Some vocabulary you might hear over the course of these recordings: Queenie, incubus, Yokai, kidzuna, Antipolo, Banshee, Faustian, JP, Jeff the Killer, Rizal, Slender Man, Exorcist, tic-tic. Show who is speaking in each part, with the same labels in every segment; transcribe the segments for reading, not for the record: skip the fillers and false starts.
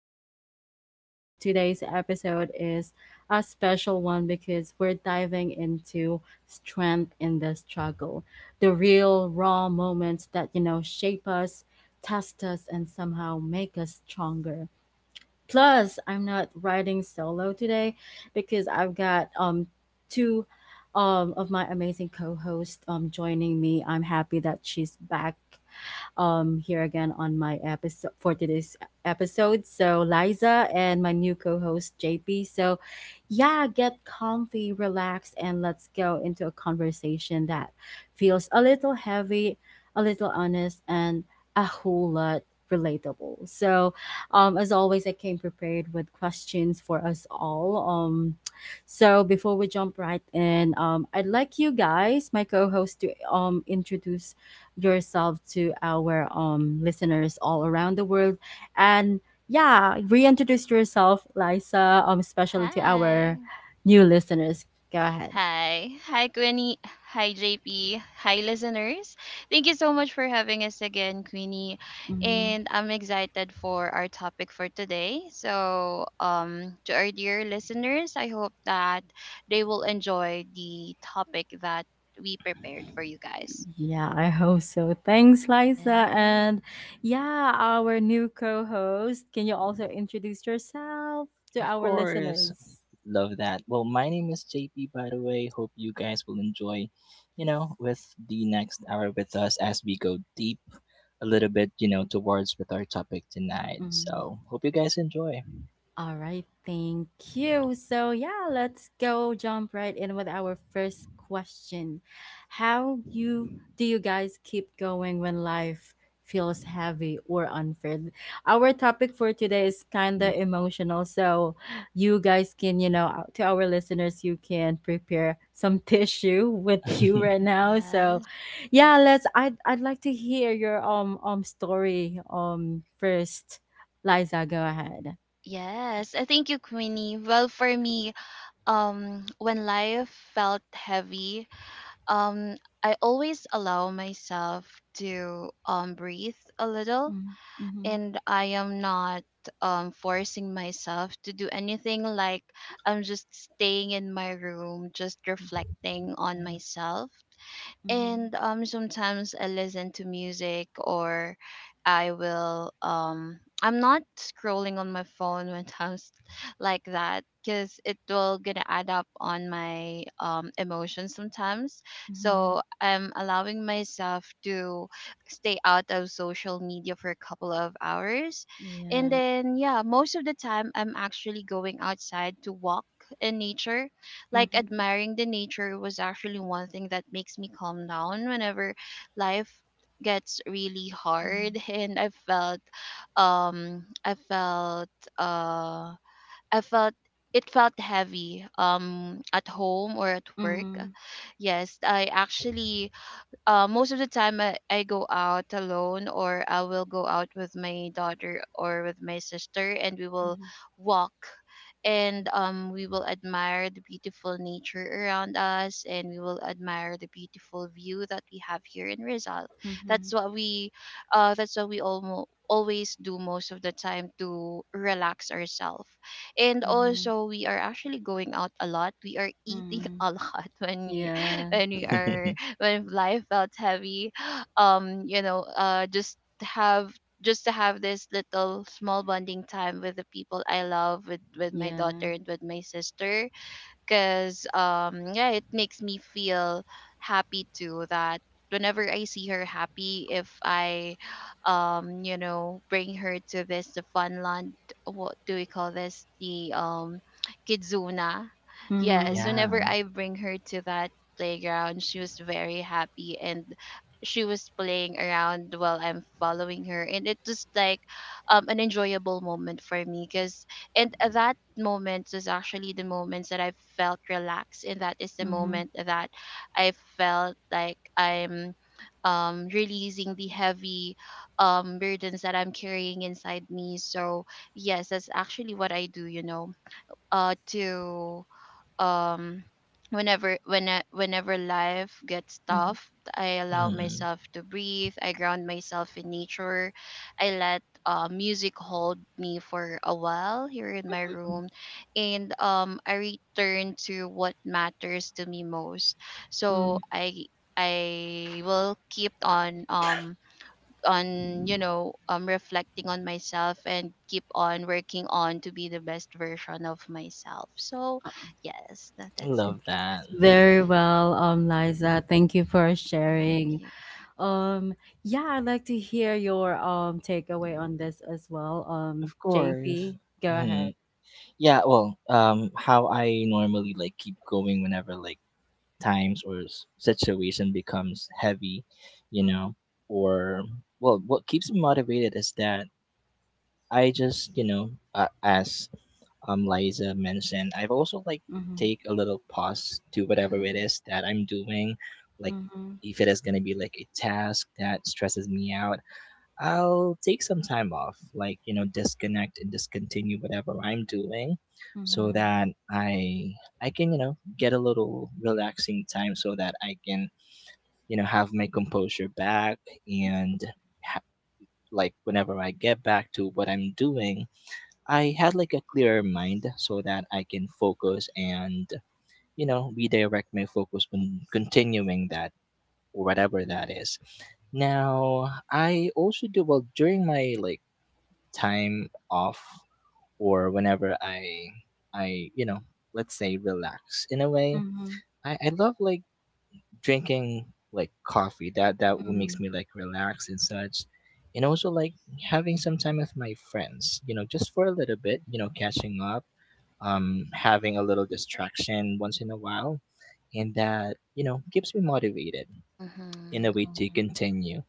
Speaker 1: at it again. Today's episode is a special one because we're diving into strength in the struggle, the real raw moments that shape us, test us, and somehow make us stronger. Plus, I'm not riding solo today because I've got two of my amazing co-host joining me. I'm happy that she's back here again on my episode for today's episode. So, Liza and my new co host, JP. So, yeah, get comfy, relax, and let's go into a conversation that feels a little heavy, a little honest, and a whole lot relatable. So, as always, I came prepared with questions for us all. So before we jump right in, I'd like you guys, my co-host, to introduce yourself to our listeners all around the world and yeah, reintroduce yourself, Liza, especially to
Speaker 2: Hi.
Speaker 1: our new listeners. Go ahead.
Speaker 2: Hi, Queenie. Hi, JP. Hi, listeners. Thank you so much for having us again, Queenie.
Speaker 1: Mhm.
Speaker 2: And I'm excited for our topic for today. So, to our dear listeners, I hope that they will enjoy the topic that we prepared for you guys.
Speaker 1: Yeah, I hope so. Thanks, Liza. And
Speaker 2: Yes.
Speaker 1: yeah, our new co-host, can you also introduce yourself to
Speaker 3: Of
Speaker 1: our
Speaker 3: course.
Speaker 1: listeners?
Speaker 3: Love that. Well, my name is JP, by the way. Hope you guys will enjoy, with the next hour with us as we go deep a little bit, towards with our topic tonight.
Speaker 1: Mm-hmm.
Speaker 3: So, hope you guys enjoy.
Speaker 1: All right, thank you. So, yeah, let's go jump right in with our first question. How you do you guys keep going when life feels heavy or unfair? Our topic for today is kind of emotional, so you guys can, you know, to our listeners, you can prepare some tissue with you right now. So,
Speaker 2: Yes.
Speaker 1: yeah, let's I'd like to hear your story first. Liza, go ahead.
Speaker 2: Yes. Thank you, Queenie. Well, for me, when life felt heavy, um I always allow myself to breathe a little,
Speaker 1: Mhm, mhm.
Speaker 2: and I am not forcing myself to do anything. Like, I'm just staying in my room, just
Speaker 1: Yeah.
Speaker 2: reflecting on myself, and sometimes I listen to music, or I will I'm not scrolling on my phone when times like that, because it will gonna add up on my emotions sometimes. So I'm allowing myself to stay out of social media for a couple of hours. And then yeah, most of the time I'm actually going outside to walk in nature, like
Speaker 1: Mhm,
Speaker 2: admiring the nature was actually one thing that makes me calm down whenever life gets really hard
Speaker 1: mhm.
Speaker 2: and I felt I felt uh I felt it felt heavy at home or at
Speaker 1: Yeah.
Speaker 2: work.
Speaker 1: Mhm,
Speaker 2: Yes, I actually, most of the time I go out alone, or I will go out with my daughter or with my sister, and we
Speaker 1: mhm,
Speaker 2: will
Speaker 1: mhm,
Speaker 2: walk, and we will admire the beautiful nature around us, and we will admire the beautiful view that we have here in Rizal. That's
Speaker 1: mhm,
Speaker 2: what we that's what we almost always do most of the time to relax ourselves. And
Speaker 1: mhm, mhm,
Speaker 2: also, we are actually going out a lot, we are eating
Speaker 1: mhm.
Speaker 2: a lot when we
Speaker 1: Yeah.
Speaker 2: when we are when life felt heavy, um you know uh just have just to have this little small bonding time with the people I love, with my
Speaker 1: Yeah.
Speaker 2: daughter and with my sister, because yeah, it makes me feel happy too that whenever I see her happy, if I bring her to this the funland, what do we call this, the kidzuna. Yes,
Speaker 1: Mhm,
Speaker 3: yeah.
Speaker 2: whenever I bring her to that playground, she was very happy, and she was playing around while I'm following her, and it was like an enjoyable moment for me because and that moment is actually the moments that I felt relaxed, and that is the
Speaker 1: mhm,
Speaker 2: moment that I felt like I'm releasing the heavy burdens that I'm carrying inside me. So yes, that's actually what I do. You know, to um whenever when I- whenever life gets
Speaker 1: mhm,
Speaker 2: tough, I allow
Speaker 3: Mhm.
Speaker 2: myself to breathe, I ground myself in nature, I let music hold me for a while here in my room, and I return to what matters to me most.
Speaker 1: mhm.
Speaker 2: So I will keep on you know reflecting on myself, and keep on working on to be the best version of myself. So yes, that's it,
Speaker 3: Love that.
Speaker 2: guys.
Speaker 1: Very well, Liza. Thank you for
Speaker 2: Thank
Speaker 1: sharing.
Speaker 2: you.
Speaker 1: Um, yeah, I'd like to hear your takeaway on this as well.
Speaker 3: Of course.
Speaker 1: JP, go
Speaker 3: Hmm
Speaker 1: ahead.
Speaker 3: Yeah, well, how I normally like keep going whenever like times or situation becomes heavy, you
Speaker 1: Mhm,
Speaker 3: know, or well, what keeps me motivated is that I just, as Liza mentioned, I've also like
Speaker 1: mhm,
Speaker 3: take a little pause to whatever it
Speaker 2: Mm-hmm.
Speaker 3: is that I'm doing, like
Speaker 1: mhm,
Speaker 3: if it is gonna be like a task that stresses me out, I'll take some time off, like, disconnect and discontinue whatever I'm doing so
Speaker 1: mhm,
Speaker 3: that I can, get a little relaxing time so that I can, have my composure back and ha- like whenever I get back to what I'm doing, I had like a clearer mind so that I can focus and, redirect my focus on continuing that whatever
Speaker 1: mhm,
Speaker 3: that is. Now, I also do well during my like time off or whenever I you know let's say relax in a way
Speaker 1: mhm,
Speaker 3: I love like drinking like coffee that what makes
Speaker 1: mhm.
Speaker 3: me like relax and such and also like having some time with my friends you know just for a little bit you know catching up having a little distraction once in a while and that you know keeps me motivated in a
Speaker 2: Mm-hmm.
Speaker 3: way to
Speaker 1: Okay.
Speaker 3: continue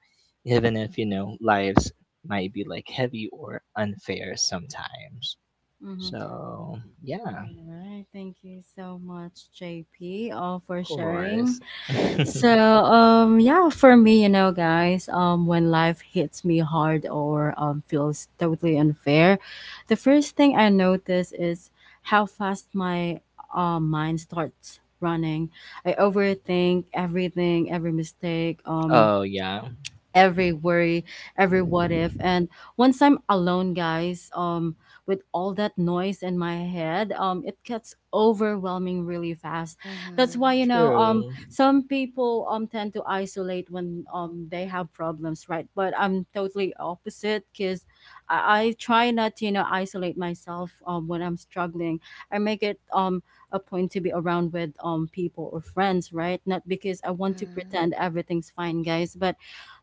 Speaker 3: even if you know lives might be like heavy or unfair sometimes
Speaker 1: Mhm.
Speaker 3: so yeah,
Speaker 1: All
Speaker 3: of
Speaker 1: right, thank you so much, JP, all for sharing.
Speaker 3: course.
Speaker 1: So, yeah, for me, you know, guys, when life hits me hard or feels totally unfair, the first thing I notice is how fast my mind starts running. I overthink everything, every mistake,
Speaker 3: oh yeah,
Speaker 1: every worry, every what if. And once I'm alone, guys, with all that noise in my head, it gets overwhelming really fast. That's why,
Speaker 2: Mm-hmm.
Speaker 1: you know,
Speaker 3: true.
Speaker 1: some people tend to isolate when they have problems, right? But I'm totally opposite because I try not to, you know, isolate myself when I'm struggling. I make it a point to be around with people or friends, right? Not because I want to
Speaker 2: Mm-hmm.
Speaker 1: pretend everything's fine, guys, but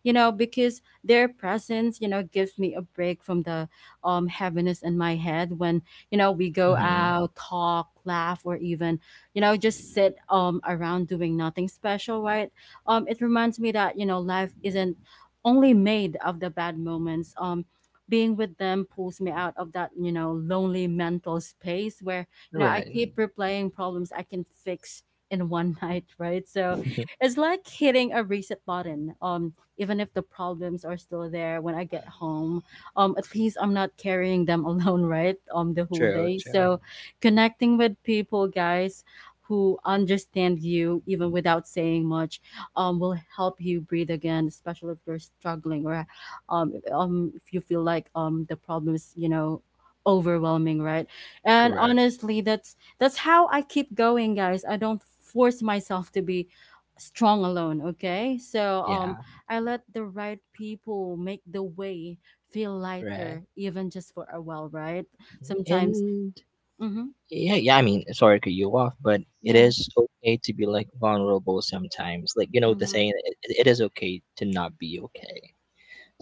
Speaker 1: you know, because their presence, you know, gives me a break from the heaviness in my head when, you know, we go
Speaker 3: Hmm
Speaker 1: out, talk, laugh, or even, you know, just sit around doing nothing special, right? It reminds me that, you know, life isn't only made of the bad moments. Being with them pulls me out of that, you know, lonely mental space where, you know, I
Speaker 3: Right.
Speaker 1: keep replaying problems I can fix in one night, right? So it's like hitting a reset button, even if the problems are still there when I get home. At least I'm not carrying them alone, right? The whole
Speaker 3: true.
Speaker 1: day.
Speaker 3: True.
Speaker 1: So connecting with people, guys, who understand you even without saying much, will help you breathe again, especially if you're struggling or if you feel like the problem is, you know, overwhelming, right? And
Speaker 3: Correct.
Speaker 1: honestly, that's how I keep going, guys. I don't force myself to be strong alone, okay? So
Speaker 3: Yeah.
Speaker 1: I let the right people make the way feel
Speaker 3: Right.
Speaker 1: lighter, even just for a while, right? Sometimes,
Speaker 3: And
Speaker 1: mm-hmm,
Speaker 3: yeah, I mean, sorry to cut you off, but it
Speaker 1: yeah,
Speaker 3: is okay to be like vulnerable sometimes. Like you know the
Speaker 1: mm-hmm.
Speaker 3: saying, it is okay to not be okay.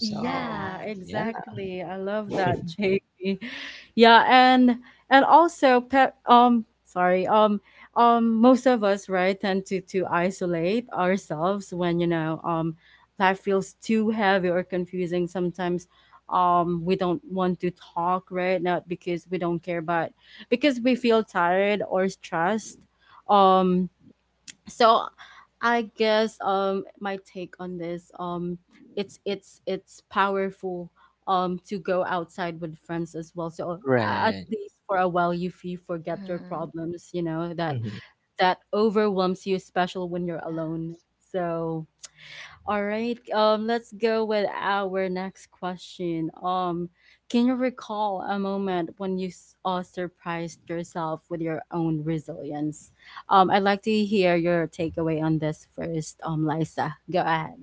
Speaker 3: So
Speaker 2: Yes.
Speaker 3: yeah.
Speaker 1: exactly. I love that, JP. Yeah, and also pet sorry, most of us, right, tend to isolate ourselves when, you know, life feels too heavy or confusing. Sometimes we don't want to talk, right? Not because we don't care, but because we feel tired or stressed. Um so I guess my take on this, it's powerful to go outside with friends as well, so at
Speaker 3: Right.
Speaker 1: least for a while you you forget your
Speaker 2: Mm-hmm.
Speaker 1: problems, you know, that
Speaker 3: hmm
Speaker 1: that overwhelms you especially when
Speaker 2: Yeah.
Speaker 1: you're alone. So all right. Let's go with our next question. Can you recall a moment when you surprised yourself with your own resilience? I'd like to hear your takeaway on this first. Lisa, go ahead.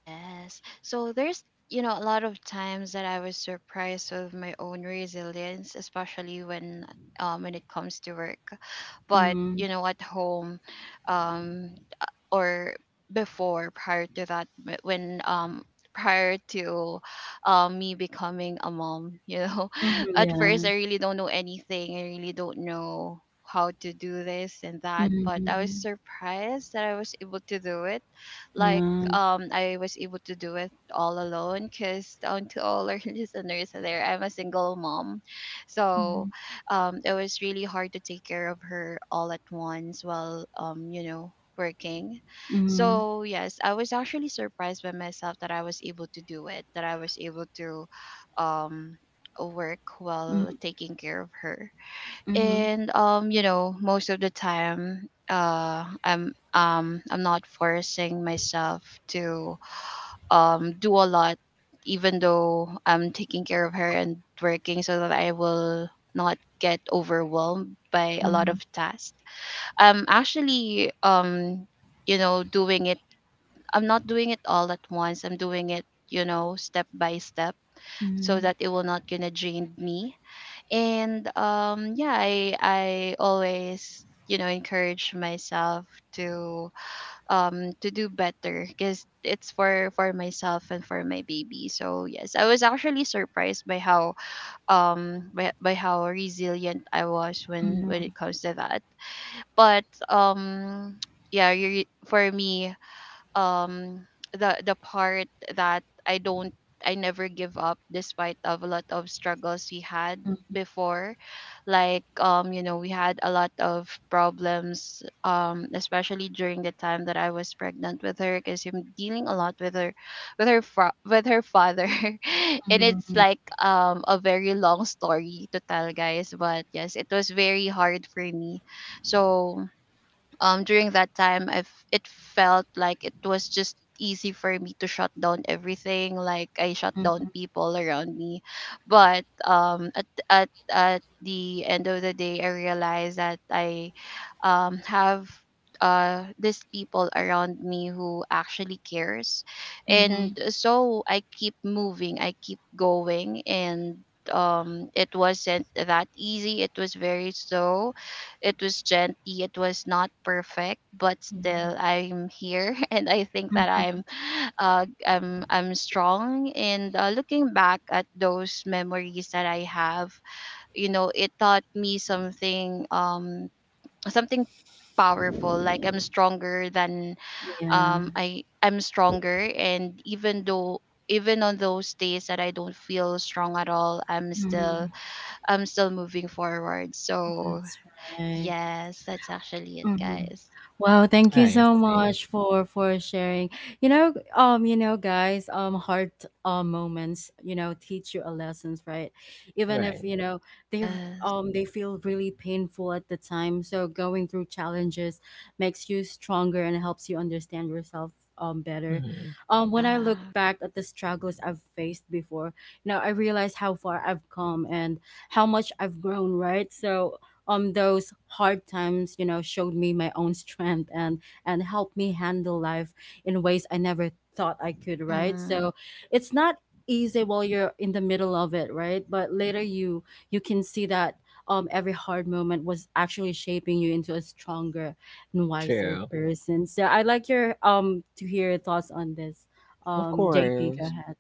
Speaker 2: Yes, so there's you know a lot of times that I was surprised with my own resilience, especially when it comes to work. But
Speaker 1: Mm-hmm.
Speaker 2: you know, at home, um or before, prior to that, wh- when prior to me becoming a mom, you know,
Speaker 1: Mm-hmm.
Speaker 2: at
Speaker 1: Yeah.
Speaker 2: first I really don't know anything, I really don't know how to do this and that, but I was
Speaker 1: Mm-hmm.
Speaker 2: surprised that I was able to do it. Like,
Speaker 1: Yeah.
Speaker 2: I was able to do it all alone, because down to all our listeners out there, I'm a single mom. So
Speaker 1: Mm-hmm.
Speaker 2: it was really hard to take care of her all at once while you know working.
Speaker 1: Mm-hmm.
Speaker 2: So yes, I was actually surprised by myself that I was able to do it, that I was able to um work while taking care of her.
Speaker 1: Mm-hmm.
Speaker 2: And you know, most of the time I'm not forcing myself to do a lot, even though I'm taking care of her and working, so that I will not get overwhelmed by a lot
Speaker 1: Mm-hmm.
Speaker 2: of tasks. I'm actually doing it. I'm not doing it all at once. I'm doing it, you know, step by step, so that it will not gonna drain me. And yeah, I always you know encourage myself to to do better, because it's for myself and for my baby. So yes, I was actually surprised by how by how resilient I was when
Speaker 1: Mm-hmm.
Speaker 2: it comes to that. But yeah, you, for me, um the part that I never give up, despite of a lot of struggles we had before. Like you know, we had a lot of problems, especially during the time that I was pregnant with her, because I'm dealing a lot with her, with her father, and it's
Speaker 1: Mm-hmm.
Speaker 2: like a very long story to tell, guys, but yes, it was very hard for me. So during that time, I've it felt like it was just easy for me to shut down everything, like I shut down people around me. But at the end of the day, I realized that I have these people around me who actually cares,
Speaker 1: Mm-hmm.
Speaker 2: and
Speaker 1: Mm-hmm.
Speaker 2: so I keep moving, I keep going, and it wasn't that easy. It was very slow, it was gently, it was not perfect, but
Speaker 1: Yeah.
Speaker 2: still I'm here and I think that
Speaker 1: Mhm.
Speaker 2: I'm I'm strong, and looking back at those memories that I have, you know, it taught me something, something powerful, like I'm stronger than
Speaker 1: Yeah.
Speaker 2: I'm stronger, and even though, even on those days that I don't feel strong at all, I'm still,
Speaker 1: Mhm.
Speaker 2: I'm still moving forward. So
Speaker 1: That's right.
Speaker 2: yes, that's actually it,
Speaker 1: Mhm.
Speaker 2: guys.
Speaker 1: Wow, thank you
Speaker 3: I
Speaker 1: so
Speaker 3: see.
Speaker 1: much for sharing. You know, guys, hard moments, you know, teach you a lessons, right? Even if
Speaker 3: Right.
Speaker 1: you know they
Speaker 2: Yes.
Speaker 1: they feel really painful at the time. So going through challenges makes you stronger and helps you understand yourself better.
Speaker 3: hmm
Speaker 1: When I look
Speaker 2: Yeah.
Speaker 1: back at the struggles I've faced before, you know, I realize how far I've come and how much I've grown, right? So those hard times, you know, showed me my own strength and helped me handle life in ways I never thought I could, right?
Speaker 2: Mm-hmm.
Speaker 1: So it's not easy while you're in the middle of it, right, but later you you can see that every hard moment was actually shaping you into a stronger and wiser
Speaker 3: True.
Speaker 1: person. So I'd like your to hear your thoughts on this,
Speaker 3: Of
Speaker 1: JP, go
Speaker 3: course.
Speaker 1: ahead.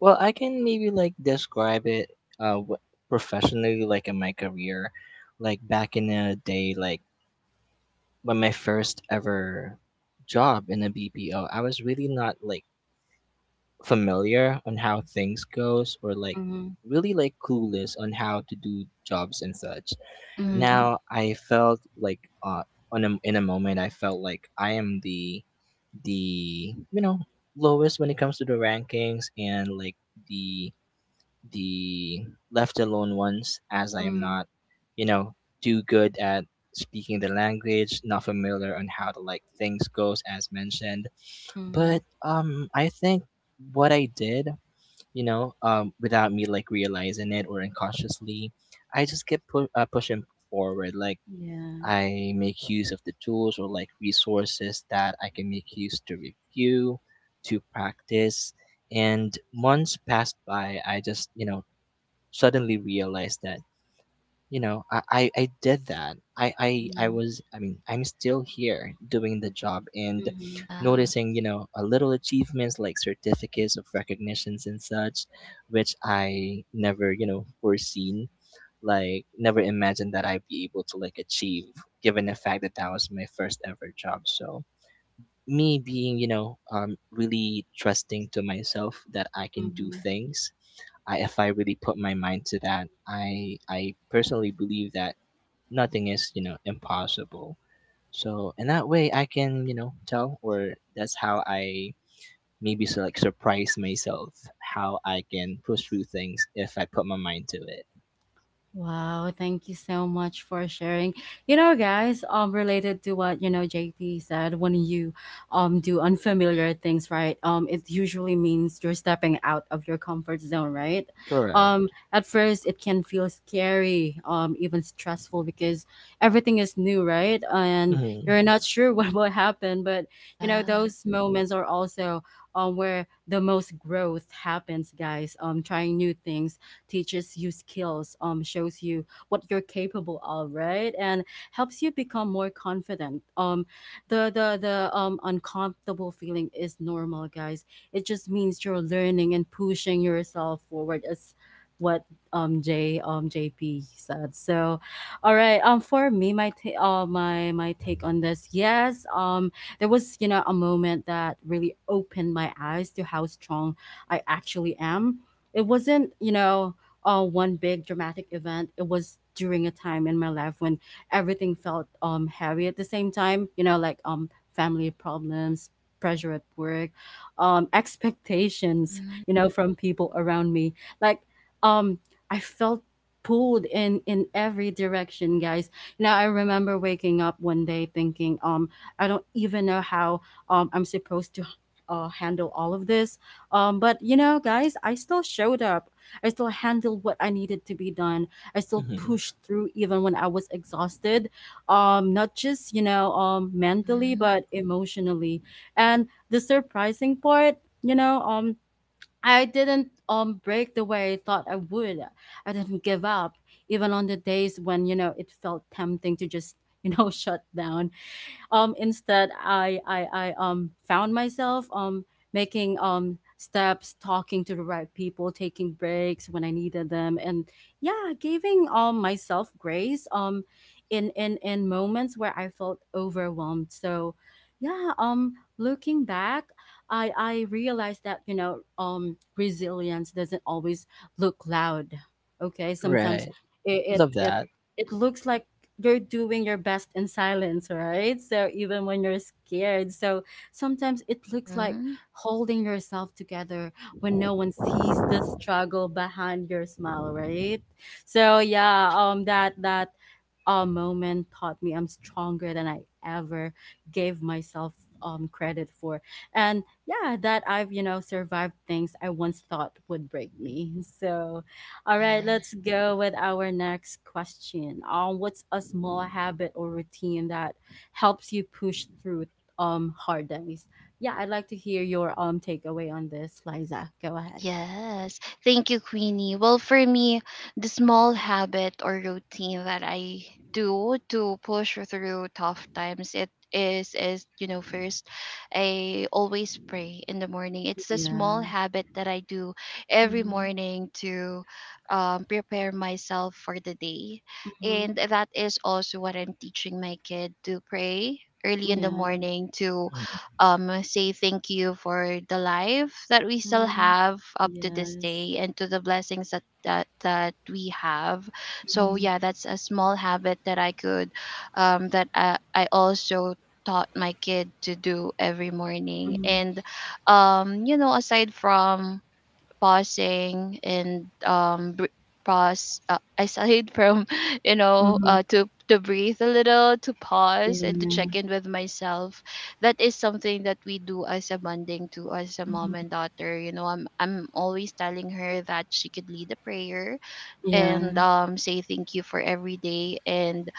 Speaker 3: Well, I can maybe like describe it uh wh- professionally like in my career, like back in the day like when my first ever job in a BPO, I was really not like familiar on how things goes or like
Speaker 1: Mm-hmm,
Speaker 3: really like clueless on how to do jobs and such.
Speaker 1: mm-hmm,
Speaker 2: Mm-hmm.
Speaker 3: Now I felt like on in a moment I felt like I am the you know lowest when it comes to the rankings and like the the left alone ones, as I am not, you know, too good at speaking the language, not familiar on how to like things goes as mentioned.
Speaker 1: mm-hmm,
Speaker 3: But I think what I did, without me like realizing it or unconsciously, I just kept pushing forward like
Speaker 1: yeah,
Speaker 3: I make use of the tools or like resources that I can make use to review, to practice, and months passed by I just you know suddenly realized that you know I did that I
Speaker 1: mm-hmm,
Speaker 3: was I'm still here doing the job and
Speaker 2: Yeah.
Speaker 3: noticing you know a little achievements like certificates of recognitions and such which I never you know foreseen like never imagined that I'd be able to like achieve given the fact that that was my first ever job so me being you know really trusting to myself that I can do
Speaker 1: mm-hmm.
Speaker 3: things if I really put my mind to that, I personally believe that nothing is you know impossible. So in that way, I can you know tell, or that's how I maybe so like surprise myself how I can push through things if I put my mind to it.
Speaker 1: Wow, thank you so much for sharing. You know, guys, related to what, you know, JP said, when you do unfamiliar things, right? It usually means you're stepping out of your comfort zone, right?
Speaker 3: Correct.
Speaker 1: At first it can feel scary, even stressful because everything is new, right? And you're
Speaker 3: Hmm
Speaker 1: not sure what will happen, but you know,
Speaker 2: Yeah.
Speaker 1: those moments are also where the most growth happens, guys. Trying new things teaches you skills, shows you what you're capable of, right? And helps you become more confident. The uncomfortable feeling is normal, guys. It just means you're learning and pushing yourself forward. As what J JP said. So, all right. For me, my my my take on this, yes. There was, you know, a moment that really opened my eyes to how strong I actually am. It wasn't, you know, one big dramatic event. It was during a time in my life when everything felt heavy at the same time. You know, like family problems, pressure at work, expectations.
Speaker 2: Mm-hmm.
Speaker 1: You know, from people around me. Like um, I felt pulled in every direction, guys. You know, I remember waking up one day thinking, I don't even know how I'm supposed to handle all of this. But you know, guys, I still showed up. I still handled what I needed to be done. I still
Speaker 3: hmm
Speaker 1: pushed through even when I was exhausted, not just, you know, mentally,
Speaker 2: Mm-hmm.
Speaker 1: but emotionally. And the surprising part, you know, I didn't break the way I thought I would. I didn't give up, even on the days when, you know, it felt tempting to just, you know, shut down, instead I found myself making steps, talking to the right people, taking breaks when I needed them, and yeah, giving myself grace in moments where I felt overwhelmed. So yeah, looking back, i realized that, you know, resilience doesn't always look loud, okay? Sometimes
Speaker 3: Right.
Speaker 1: it it
Speaker 3: Love
Speaker 1: it,
Speaker 3: that.
Speaker 1: it looks like you're doing your best in silence, right? So even when you're scared. So sometimes it looks like
Speaker 2: Mm-hmm.
Speaker 1: holding yourself together when no one sees the struggle behind your smile, right? So yeah, that that a moment taught me I'm stronger than I ever gave myself credit for. And yeah, that I've, you know, survived things I once thought would break me. So, all right, let's
Speaker 2: Yes.
Speaker 1: go with our next question. What's a small habit or routine that helps you push through hard days? Yeah, I'd like to hear your takeaway on this, Liza. Go ahead.
Speaker 2: Yes. Thank you, Queenie. Well, for me, the small habit or routine that I do to push through tough times, it is you know, first, I always pray in the morning. It's the small
Speaker 1: Yeah.
Speaker 2: habit that I do every
Speaker 1: Mm-hmm.
Speaker 2: morning to prepare myself for the day,
Speaker 1: Mm-hmm.
Speaker 2: and that is also what I'm teaching my kid, to pray early in the
Speaker 1: Yeah.
Speaker 2: morning, to
Speaker 3: Mhm.
Speaker 2: say thank you for the life that we still
Speaker 1: Mm-hmm.
Speaker 2: have up to this
Speaker 1: Yes.
Speaker 2: day, and to the blessings that that we have. So yeah, that's a small habit that I could I also taught my kid to do every morning.
Speaker 1: Mhm,
Speaker 2: And you know, aside from pausing and br- pause aside from you know,
Speaker 1: mhm.
Speaker 2: to breathe a little, to pause and to
Speaker 1: Yeah.
Speaker 2: check in with myself, that is something that we do as a bonding to, as a
Speaker 1: Mhm.
Speaker 2: mom and daughter. You know, I'm always telling her that she could lead a prayer,
Speaker 1: Yeah.
Speaker 2: and say thank you for every day. And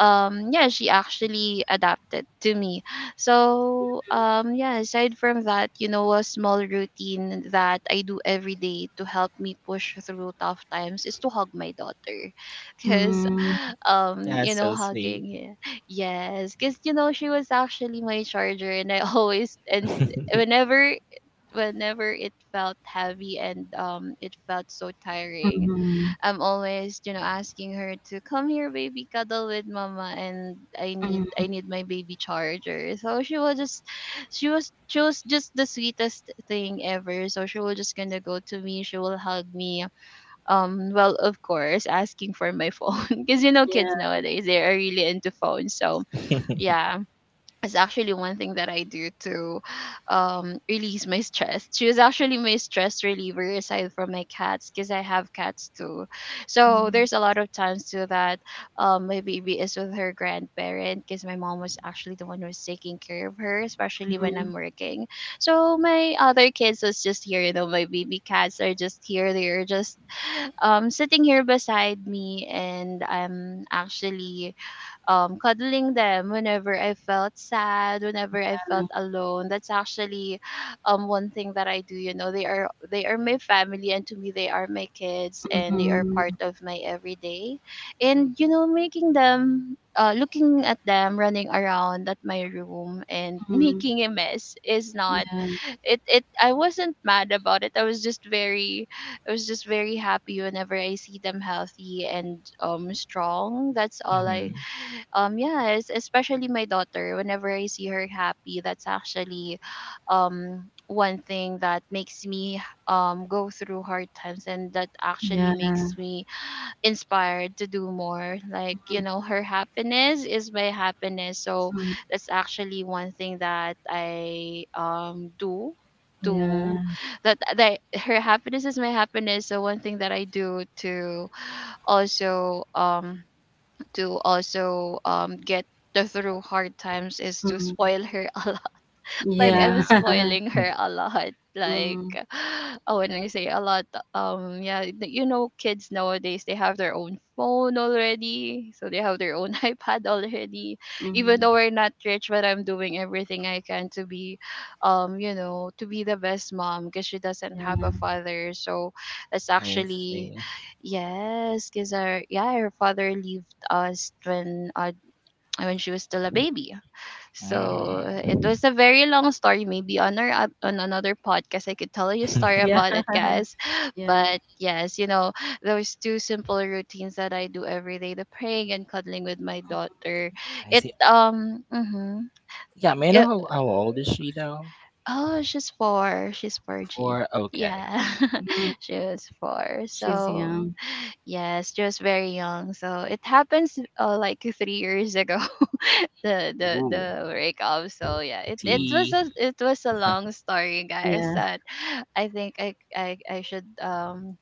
Speaker 2: yeah, she actually adapted to me. So yeah, aside from that, you know, a small routine that I do every day to help me push through tough times is to hug my daughter, because
Speaker 1: Mhm,
Speaker 2: you
Speaker 3: That's
Speaker 2: know,
Speaker 3: so sweet.
Speaker 2: hugging, yeah. Yes, because you know, she was actually my charger, and I always, and
Speaker 3: hmm
Speaker 2: whenever whenever it felt heavy and it felt so tiring,
Speaker 1: mhm,
Speaker 2: I'm always, you know, asking her to come here, baby, cuddle with mama, and
Speaker 1: mhm.
Speaker 2: I need my baby charger. So she was just the sweetest thing ever. So she will just gonna go to me, she will hug me. Well, of course, asking for my phone, because you know, kids
Speaker 1: Yeah.
Speaker 2: nowadays, they are really into phones. So yeah, is actually one thing that I do to release my stress. She was actually my stress reliever, aside from my cats, because I have cats too. So
Speaker 1: Mhm,
Speaker 2: there's a lot of times too that my baby is with her grandparent, because my mom was actually the one who was taking care of her, especially when
Speaker 1: mhm,
Speaker 2: I'm working. So my other kids was just here, you know, my baby cats are just here. They are just sitting here beside me, and I'm actually cuddling them whenever I felt sad, whenever I felt alone. That's actually one thing that I do. You know, they are my family, and to me, they are my kids, and they are
Speaker 1: mhm,
Speaker 2: part of my everyday. And you know, making them, looking at them running around at my room and
Speaker 1: mhm.
Speaker 2: making a mess is not,
Speaker 1: Yeah.
Speaker 2: it it I wasn't mad about it. I was just very happy whenever I see them healthy and strong. That's all I Yes, especially my daughter. Whenever I see her happy, that's actually um one thing that makes me go through hard times, and that actually
Speaker 1: Yeah.
Speaker 2: makes me inspired to do more. Like, you know, her happiness is my happiness. So
Speaker 1: Mhm.
Speaker 2: that's actually one thing that I do to
Speaker 1: Yeah.
Speaker 2: that that her happiness is my happiness. So one thing that I do to also get the through hard times is to
Speaker 1: Mhm.
Speaker 2: spoil her a lot. Like, I
Speaker 3: Yeah,
Speaker 1: Yeah.
Speaker 2: was spoiling her a lot. Like,
Speaker 1: Mhm,
Speaker 2: oh, when I say a lot, yeah, you know, kids nowadays, they have their own phone already, so they have their own iPad already. Even
Speaker 1: mhm.
Speaker 2: though we're not rich, but I'm doing everything I can to be, you know, to be the best mom, because she doesn't
Speaker 1: Yeah.
Speaker 2: have
Speaker 1: Mm-hmm.
Speaker 2: a father. So that's
Speaker 3: I
Speaker 2: actually,
Speaker 3: see.
Speaker 2: yes, because her father left us when she was still a baby. So it
Speaker 3: Mm.
Speaker 2: was a very long story. Maybe on on another podcast, I could tell you a story
Speaker 1: Yeah.
Speaker 2: about it, guys.
Speaker 1: Yeah.
Speaker 2: But yes, you know, those two simple routines that I do every day: the praying and cuddling with my daughter.
Speaker 3: I
Speaker 2: It
Speaker 3: see.
Speaker 2: um mm-hmm,
Speaker 3: Yeah, may I know
Speaker 2: it,
Speaker 3: how old is she though?
Speaker 2: oh, she's 4, she's 4, G.
Speaker 3: Four. Okay.
Speaker 2: Yeah,
Speaker 3: Okay.
Speaker 1: Mhm.
Speaker 2: she was 4.
Speaker 1: She's
Speaker 2: So
Speaker 1: young.
Speaker 2: yes, just very young. So it happens like 3 years ago. the the
Speaker 3: Ooh,
Speaker 2: the breakup. So yeah,
Speaker 1: Mhm.
Speaker 3: tea.
Speaker 2: it was a long story, guys.
Speaker 1: Yeah.
Speaker 2: That, I think I should,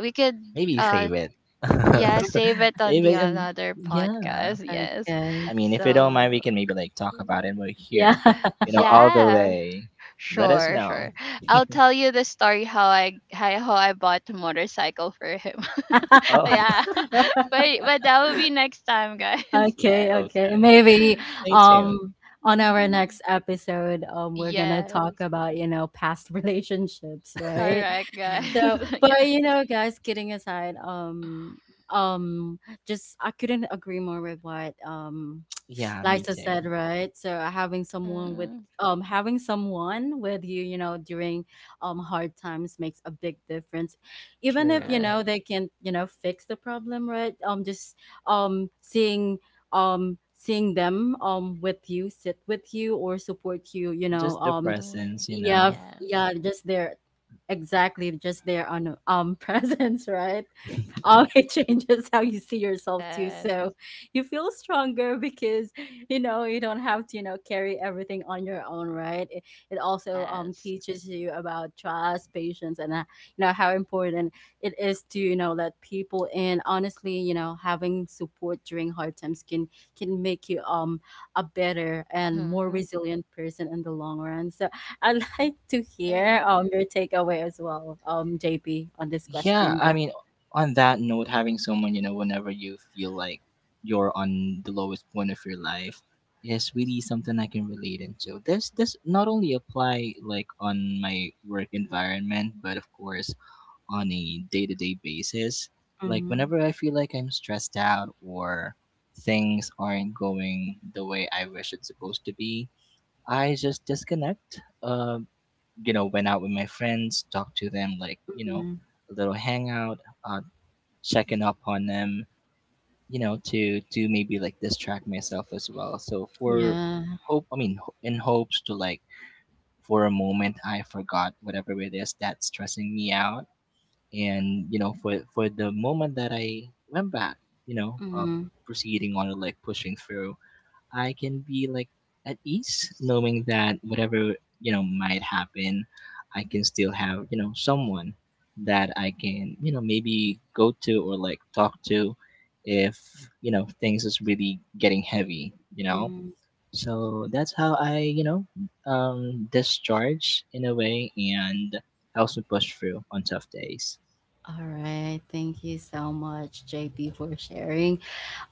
Speaker 2: we could
Speaker 3: Maybe
Speaker 2: uh
Speaker 3: save it.
Speaker 2: yeah, save it on
Speaker 3: Save
Speaker 2: the
Speaker 3: it and
Speaker 2: another
Speaker 3: yeah.
Speaker 2: podcast. Yes,
Speaker 1: Okay.
Speaker 3: I mean, if you don't
Speaker 2: so.
Speaker 3: mind, we can maybe like talk about it. We're
Speaker 1: Yeah.
Speaker 3: here, all the
Speaker 2: Yeah,
Speaker 3: way. Let us
Speaker 1: Mhm.
Speaker 2: sure,
Speaker 3: know.
Speaker 2: sure. I'll tell you the story how how I bought a motorcycle for him.
Speaker 3: Oh,
Speaker 2: Yeah, but that will be next time, guys.
Speaker 1: Okay,
Speaker 2: Yes.
Speaker 1: okay.
Speaker 3: okay.
Speaker 1: Maybe
Speaker 3: Stay tuned.
Speaker 1: um on our
Speaker 2: Mm-hmm.
Speaker 1: next episode, we're gonna talk
Speaker 2: Yes.
Speaker 1: about, you know, past relationships, right?
Speaker 2: Correct, guys.
Speaker 1: So
Speaker 2: Yeah.
Speaker 1: but you know, guys, kidding aside, um just I couldn't agree more with what
Speaker 3: Yeah, me
Speaker 1: like I said,
Speaker 3: too.
Speaker 1: right? So
Speaker 2: Hmm.
Speaker 1: having someone with you, you know, during hard times makes a big difference. Even if, you
Speaker 3: True.
Speaker 1: know,
Speaker 2: Correct.
Speaker 1: they can, you know, fix the problem, right? Just um seeing seeing them with you, sit with you or support you,
Speaker 3: Just the
Speaker 2: Hmm.
Speaker 3: presence, you
Speaker 1: yeah,
Speaker 3: know.
Speaker 2: Yes.
Speaker 1: yeah, just their exactly just their presence, right? Oh, it changes how you see yourself too.
Speaker 2: Yes.
Speaker 1: So you feel stronger because you know you don't have to, you know, carry everything on your own, right? It also
Speaker 2: Yes.
Speaker 1: teaches you about trust, patience, and you know how important it is to, you know, let people in. Honestly, you know, having support during hard times can make you a better and more
Speaker 2: Hmm.
Speaker 1: resilient person in the long run. So I'd like to hear
Speaker 2: Yes.
Speaker 1: your takeaway as well, JP, on this
Speaker 3: yeah
Speaker 1: question,
Speaker 3: I
Speaker 1: guy.
Speaker 3: mean on that note having someone you know whenever you feel like you're on the lowest point of your life is really something I can relate into this not only apply like on my work environment but of course on a day-to-day basis like
Speaker 1: Hmm
Speaker 3: whenever I feel like I'm stressed out or things aren't going the way I wish it's supposed to be I just disconnect you know went out with my friends talked to them like you know
Speaker 1: Mm.
Speaker 3: a little hangout uh checking up on them you know to maybe like distract myself as well so for
Speaker 1: Yeah.
Speaker 3: hope I mean ho- in hopes to like for a moment I forgot whatever it is that's stressing me out and you know for the moment that I went back you know uh
Speaker 1: Mm,
Speaker 3: proceeding on to like pushing through I can be like at ease knowing that whatever you know might happen, I can still have you know someone that I can you know maybe go to or like talk to if you know things is really getting heavy, you know.
Speaker 1: mm.
Speaker 3: So that's how I you know discharge in a way and helps me push through on tough days.
Speaker 1: All right. Thank you so much, JP, for sharing.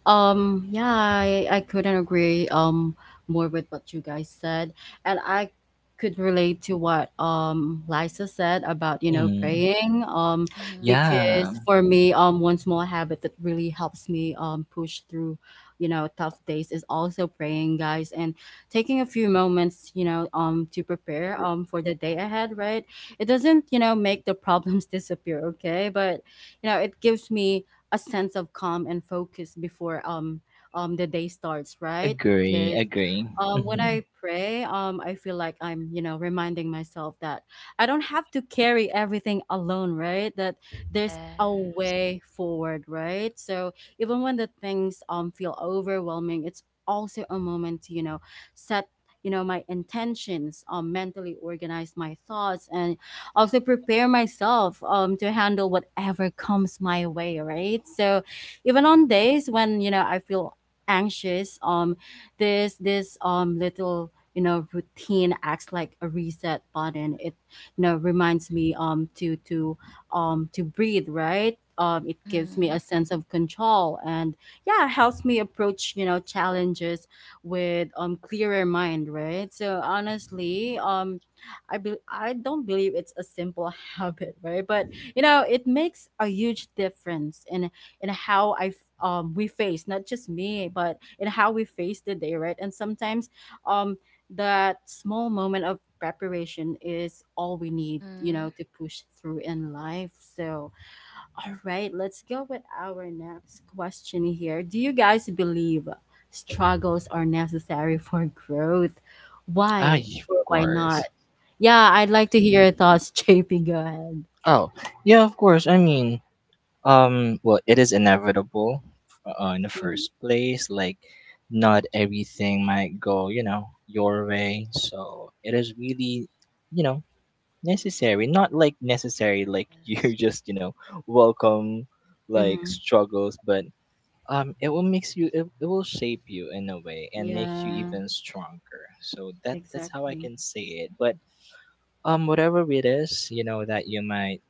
Speaker 1: Yeah, I couldn't agree more with what you guys said. And I could relate to what Lisa said about, you know,
Speaker 3: Mm,
Speaker 1: praying.
Speaker 2: Hmm.
Speaker 1: Because
Speaker 3: yeah,
Speaker 1: for me, one small habit that really helps me push through, you know, tough days is also praying, guys, and taking a few moments, you know, to prepare for the day ahead, right? It doesn't, you know, make the problems disappear, okay? But you know, it gives me a sense of calm and focus before the day starts, right? Because
Speaker 3: agree.
Speaker 1: when
Speaker 3: Hmm
Speaker 1: I pray, I feel like I'm, you know, reminding myself that I don't have to carry everything alone, right? That there's a
Speaker 2: Yes.
Speaker 1: way forward, right? So even when the things feel overwhelming, it's also a moment to, you know, set, you know, my intentions, mentally organize my thoughts and also prepare myself, to handle whatever comes my way, right? So even on days when you know I feel anxious, this this little, you know, routine acts like a reset button. It, you know, reminds me to breathe, right? It gives me
Speaker 2: Hmm.
Speaker 1: a sense of control, and yeah, helps me approach, you know, challenges with clearer mind, right? So honestly, I be- I don't believe it's a simple habit, right? But you know, it makes a huge difference in how we face, not just me, but in how we face the day, right? And sometimes um that small moment of preparation is all we need, you
Speaker 2: Hmm.
Speaker 1: know, to push through in life. So, all right, let's go with our next question here. Do you guys believe struggles are necessary for growth?
Speaker 3: Ay,
Speaker 1: Why
Speaker 3: of
Speaker 1: or why not?
Speaker 3: course.
Speaker 1: Yeah, I'd like to
Speaker 2: Yes.
Speaker 1: hear your thoughts, JP. Go ahead.
Speaker 3: Oh, yeah, of course. I mean, well, it is inevitable in the first place. Like, not everything might go, you know, your way. So it is really, you know, necessary. Not like necessary, like you
Speaker 2: Yes.
Speaker 3: just, you know, welcome like
Speaker 1: Mm-hmm.
Speaker 3: struggles, but it will makes you, it will shape you in a way and make you
Speaker 1: Yeah.
Speaker 3: even stronger. So that's how I
Speaker 1: Exactly.
Speaker 3: can say it. But whatever it is, you know, that you might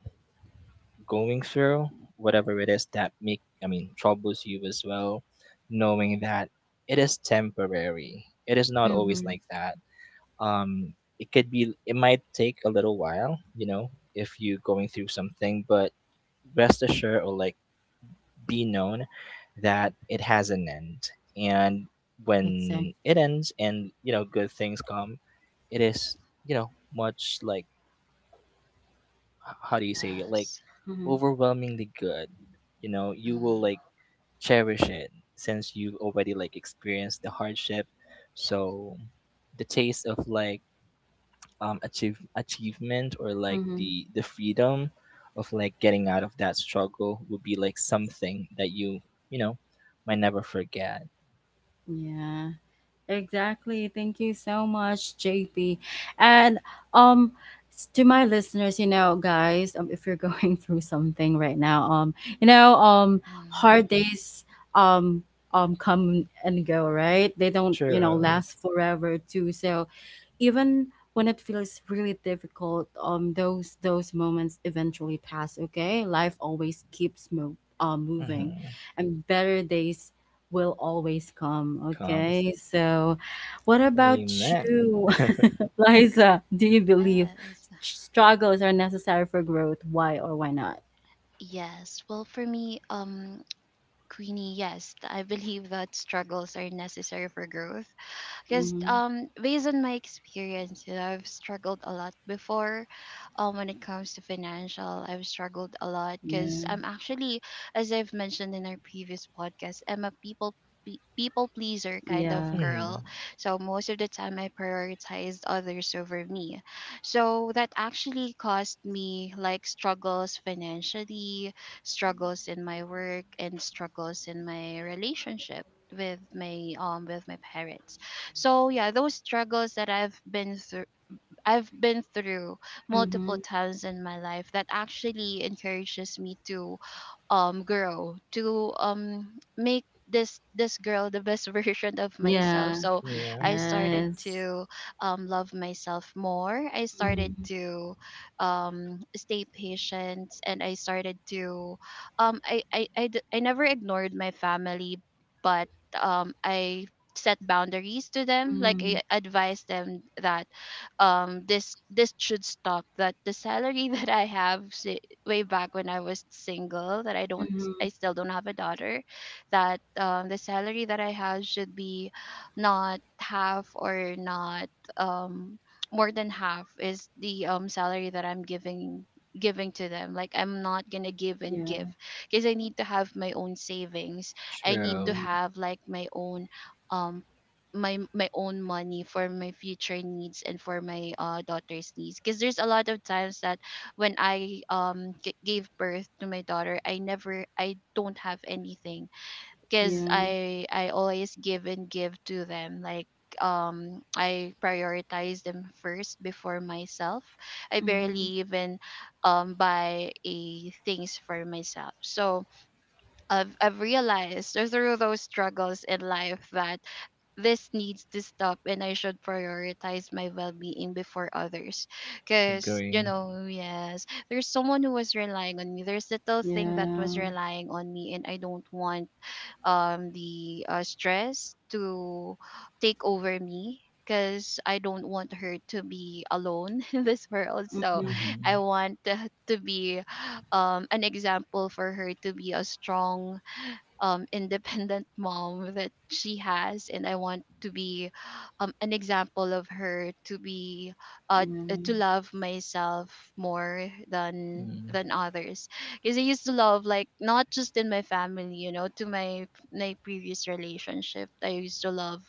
Speaker 3: going through, whatever it is that make I mean troubles you as well, knowing that it is temporary. It is not always
Speaker 1: Mm-hmm.
Speaker 3: like that. It could be it might take a little while, you know, if you going through something, but rest assured or like be known that it has an end. And when it
Speaker 1: Exactly.
Speaker 3: ends and, you know, good things come, it is, you know, much like how do you say it? Like
Speaker 2: Yes.
Speaker 1: Mm-hmm.
Speaker 3: overwhelmingly good you know you will like
Speaker 2: Hmm.
Speaker 3: cherish it since you've already like experienced the hardship so the taste of like achievement or like
Speaker 1: Mm-hmm.
Speaker 3: the freedom of like getting out of that struggle would be like something that you know might never forget
Speaker 1: Yeah. Exactly. Thank you so much, JP. And um s- to my listeners, you know, guys, if you're going through something right now, you know, um
Speaker 2: Hmm.
Speaker 1: hard days um come and go, right? They don't, you know,
Speaker 3: true
Speaker 1: last forever too. So even when it feels really difficult, those moments eventually pass. Okay, life always keeps moving,
Speaker 3: mm-hmm.
Speaker 1: and better days will always come.
Speaker 3: comes
Speaker 1: Okay, so what about
Speaker 3: amen
Speaker 1: you, Liza? Do you believe
Speaker 2: Yes.
Speaker 1: struggles are necessary for growth? Why or why not?
Speaker 2: Yes. Well, for me, Queenie, yes, I believe that struggles are necessary for growth. Because,
Speaker 1: Hmm
Speaker 2: based on my experience, you know, I've struggled a lot before. When it comes to financial, I've struggled a lot because
Speaker 1: Yeah,
Speaker 2: I'm actually, as I've mentioned in our previous podcast, I'm a people pleaser kind of
Speaker 1: yeah,
Speaker 2: girl.
Speaker 3: mm-hmm.
Speaker 2: So most of the time, I prioritized others over me. So that actually caused me like struggles financially, struggles in my work, and struggles in my relationship with my parents. So yeah, those struggles that I've been through multiple
Speaker 1: hmm
Speaker 2: times in my life, that actually encourages me to grow, to make this girl the best version of myself.
Speaker 1: yeah,
Speaker 2: So
Speaker 3: yeah
Speaker 2: I started
Speaker 1: yes.
Speaker 2: to love myself more. I started
Speaker 1: Mm-hmm.
Speaker 2: to stay patient. And I started to, I never ignored my family. But I set boundaries to them. Like,
Speaker 1: Mm-hmm.
Speaker 2: I advised them that this should stop, that the salary that I have, way back when I was single, that I don't,
Speaker 1: Mm-hmm.
Speaker 2: I still don't have a daughter, that, the salary that I have should be not half or not, um more than half is the salary that I'm giving to them. Like, I'm not gonna give and give,
Speaker 1: Yeah.
Speaker 2: because I need to have my own savings. I need to
Speaker 3: true
Speaker 1: Mm-hmm.
Speaker 2: have like my own, um my own money for my future needs and for my daughter's needs. Because there's a lot of times that when I gave birth to my daughter, I never, I don't have anything, because
Speaker 1: Yeah.
Speaker 2: I always give and give to them. Like, I prioritize them first before myself. I
Speaker 1: Mhm.
Speaker 2: barely even buy a things for myself. So I've realized through those struggles in life that this needs to stop, and I should prioritize my well-being before others. Because, you
Speaker 3: agree
Speaker 2: know, yes, there's someone who was relying on me, there's little thing that was
Speaker 1: Yeah.
Speaker 2: relying on me, and I don't want the, stress to take over me, because I don't want her to be alone in this world. So
Speaker 1: Mhm.
Speaker 3: mm-hmm.
Speaker 2: I want to be, an example for her, to be a strong, independent mom that she has. And I want to be, an example of her, to be, uh,
Speaker 1: Yeah.
Speaker 2: to love myself more than
Speaker 3: mm
Speaker 2: than others. Because I used to love, like, not just in my family, you know, to my previous relationship, I used to love,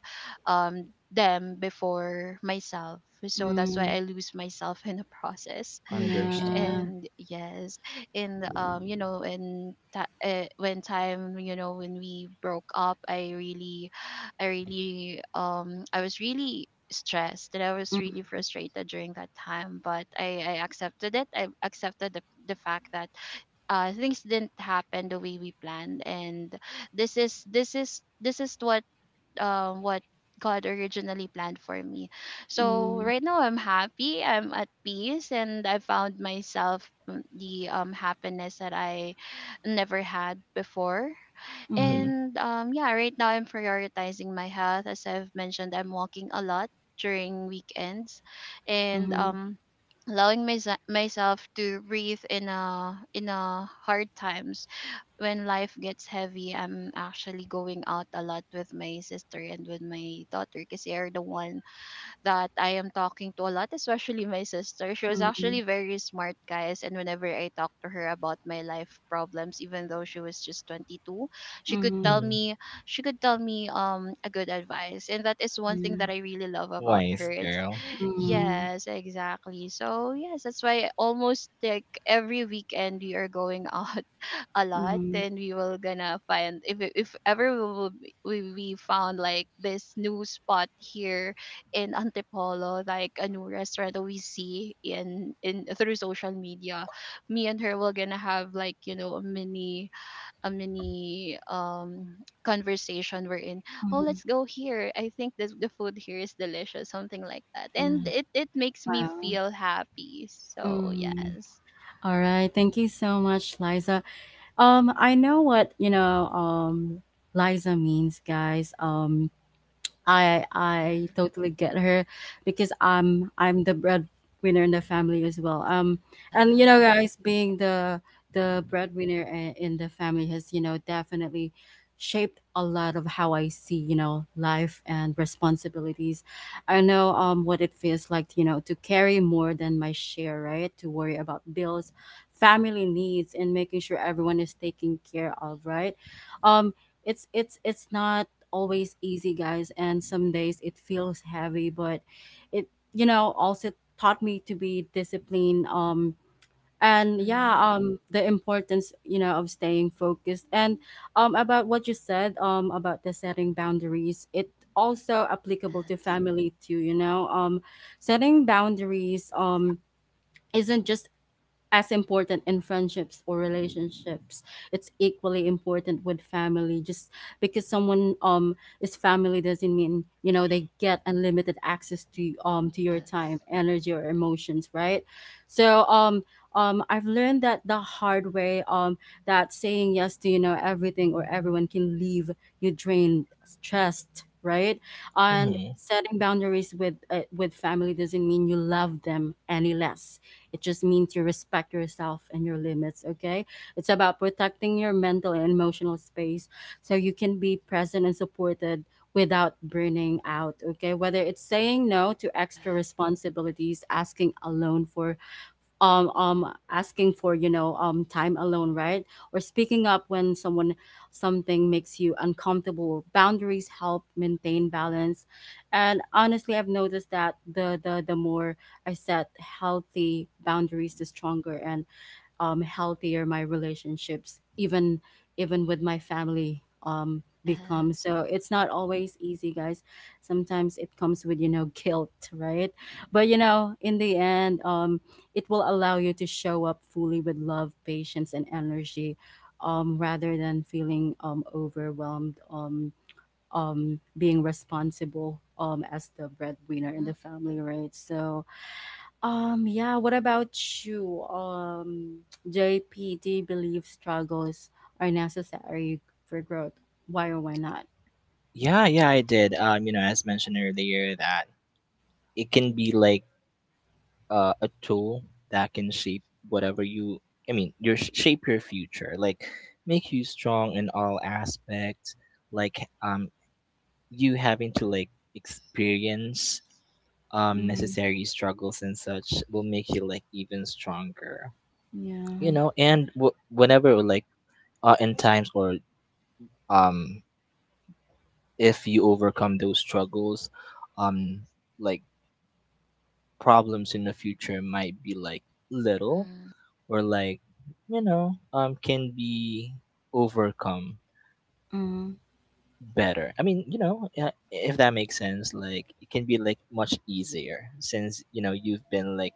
Speaker 2: um, them before myself. So that's why
Speaker 1: Mm.
Speaker 2: I lose myself in the process.
Speaker 3: Understand.
Speaker 1: Yeah.
Speaker 2: And yes, and
Speaker 3: Mhm,
Speaker 2: you know, when time, you know, when we broke up, I was really stressed, and I
Speaker 1: Mm,
Speaker 2: was really frustrated during that time. But I accepted it. I accepted the fact that things didn't happen the way we planned, and this is what, what God originally planned for me. So right now I'm happy, I'm at peace, and I found myself, the, happiness that I never had before.
Speaker 1: mm,
Speaker 2: And, yeah, right now I'm prioritizing my health. As I've mentioned, I'm walking a lot during weekends, and,
Speaker 1: mhm,
Speaker 2: allowing myself to breathe in a hard times when life gets heavy. I'm actually going out a lot with my sister and with my daughter, because they are the one that I am talking to a lot, especially my sister. She was
Speaker 1: mhm, mhm,
Speaker 2: actually very smart, guys. And whenever I talked to her about my life problems, even though she was just 22, she could tell
Speaker 1: mhm.
Speaker 3: mhm.
Speaker 2: me she could tell me a good advice, and that is one thing
Speaker 1: Yeah.
Speaker 2: that I really love about
Speaker 3: Wise
Speaker 2: her. It's
Speaker 3: girl. Mhm,
Speaker 1: Mm,
Speaker 2: Yes, exactly. So yes, that's why almost like every weekend we are going out a lot,
Speaker 1: mhm,
Speaker 2: and we will gonna find, if ever we will, we found like this new spot here in Antipolo, like a new restaurant that we see in through social media. Me and her were gonna have, like, you know, a mini conversation we're in. Oh,
Speaker 1: mhm.
Speaker 2: let's go here. I think this the food here is delicious, something like that,
Speaker 1: Yeah.
Speaker 2: and it makes me
Speaker 1: Wow.
Speaker 2: feel happy. So
Speaker 1: Mm.
Speaker 2: yes.
Speaker 1: All right. Thank you so much, Liza. I know what, you know, Liza means, guys. I
Speaker 2: Yeah,
Speaker 1: I totally get her because I'm the breadwinner in the family as well. And you know,
Speaker 2: yeah.
Speaker 1: guys, being the breadwinner in the family has, you know, definitely shaped a lot of how I see, you know, life and responsibilities. I know what it feels like, you know, to carry more than my share, right? To worry about bills, family needs, and making sure everyone is taken care of, right? Um, it's not always easy, guys, and some days it feels heavy, but it, you know, also taught me to be disciplined. And yeah,
Speaker 2: Mm-hmm.
Speaker 1: the importance, you know, of staying focused. And about what you said, about the setting boundaries, it also applicable to
Speaker 2: Yes,
Speaker 1: family too. You know, setting boundaries, isn't just as important in friendships or relationships, it's equally important with family, just because someone is family doesn't mean, you know, they get unlimited access to your
Speaker 2: yes,
Speaker 1: time, energy, or emotions, right? So I've learned that the hard way, that saying yes to, you know, everything or everyone can leave you drained, stressed, right? And
Speaker 3: mhm.
Speaker 1: setting boundaries with family doesn't mean you love them any less, it just means you respect yourself and your limits, okay? It's about protecting your mental and emotional space so you can be present and supported without burning out, okay? Whether it's saying no to extra responsibilities, asking alone for asking for, you know, time alone, right, or speaking up when someone something makes you uncomfortable, boundaries help maintain balance. And honestly, I've noticed that the more I set healthy boundaries, the stronger and, healthier my relationships, even with my family, become.
Speaker 2: yes.
Speaker 1: So it's not always easy, guys. Sometimes it comes with, you know, guilt, right? But you know, in the end, it will allow you to show up fully with love, patience, and energy, rather than feeling, overwhelmed. Being responsible as the breadwinner in
Speaker 2: Mm-hmm.
Speaker 1: the family, right? So yeah, what about you? JP, do you believe struggles are necessary for growth? Why or why not?
Speaker 3: Yeah, I did. You know, as mentioned earlier, that it can be like a tool that can shape whatever you. I mean, your shape your future, like make you strong in all aspects. Like um, you having to like experience
Speaker 1: Mm-hmm.
Speaker 3: necessary struggles and such will make you like even stronger you
Speaker 1: Yeah.
Speaker 3: know and whenever like in times or um if you overcome those struggles um like problems in the future might be like little
Speaker 2: Mm-hmm.
Speaker 3: or like you know can be overcome
Speaker 1: Mm-hmm.
Speaker 3: better you know if that makes sense like it can be like much easier since you know you've been like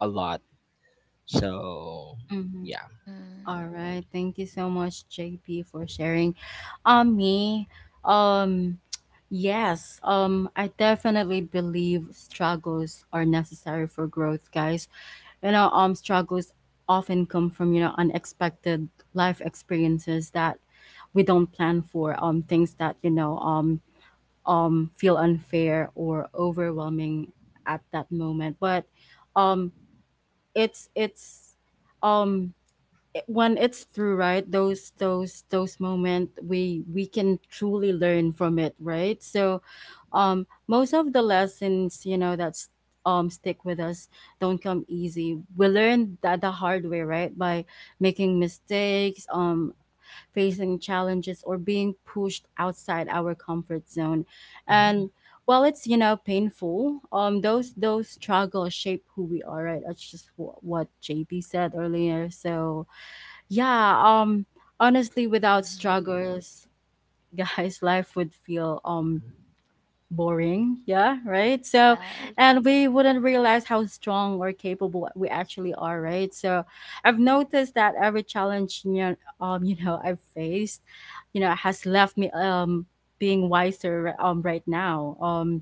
Speaker 3: a lot so
Speaker 1: Mm-hmm.
Speaker 3: yeah
Speaker 1: All right. Thank you so much, JP, for sharing. Me, um, yes, I definitely believe struggles are necessary for growth, guys. You know, struggles often come from, you know, unexpected life experiences that we don't plan for, things that, you know, feel unfair or overwhelming at that moment. But um it's it's um when it's through, right, those moments, we can truly learn from it, right? So most of the lessons, you know, that's stick with us don't come easy. We learn that the hard way, right, by making mistakes, facing challenges, or being pushed outside our comfort zone.
Speaker 3: Mm-hmm.
Speaker 1: And while it's, you know, painful, those struggles shape who we are, right? That's just what JP said earlier. So yeah, honestly, without
Speaker 2: Mm-hmm.
Speaker 1: struggles guys, life would feel boring, yeah, right? So
Speaker 2: Yes.
Speaker 1: and we wouldn't realize how strong or capable we actually are, right? So I've noticed that every challenge, you know, you know, I've faced, you know, has left me being wiser right now,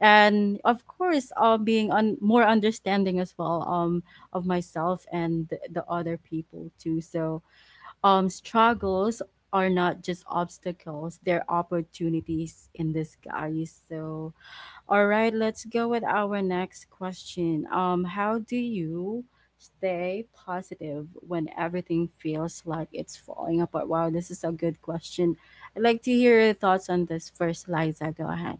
Speaker 1: and of course, being on more understanding as well, of myself and the other people too. So struggles are not just obstacles, they're opportunities in disguise. So, all right, let's go with our next question. How do you stay positive when everything feels like it's falling apart? Wow, this is a good question. I'd like to hear your thoughts on this first, Liza. Go ahead.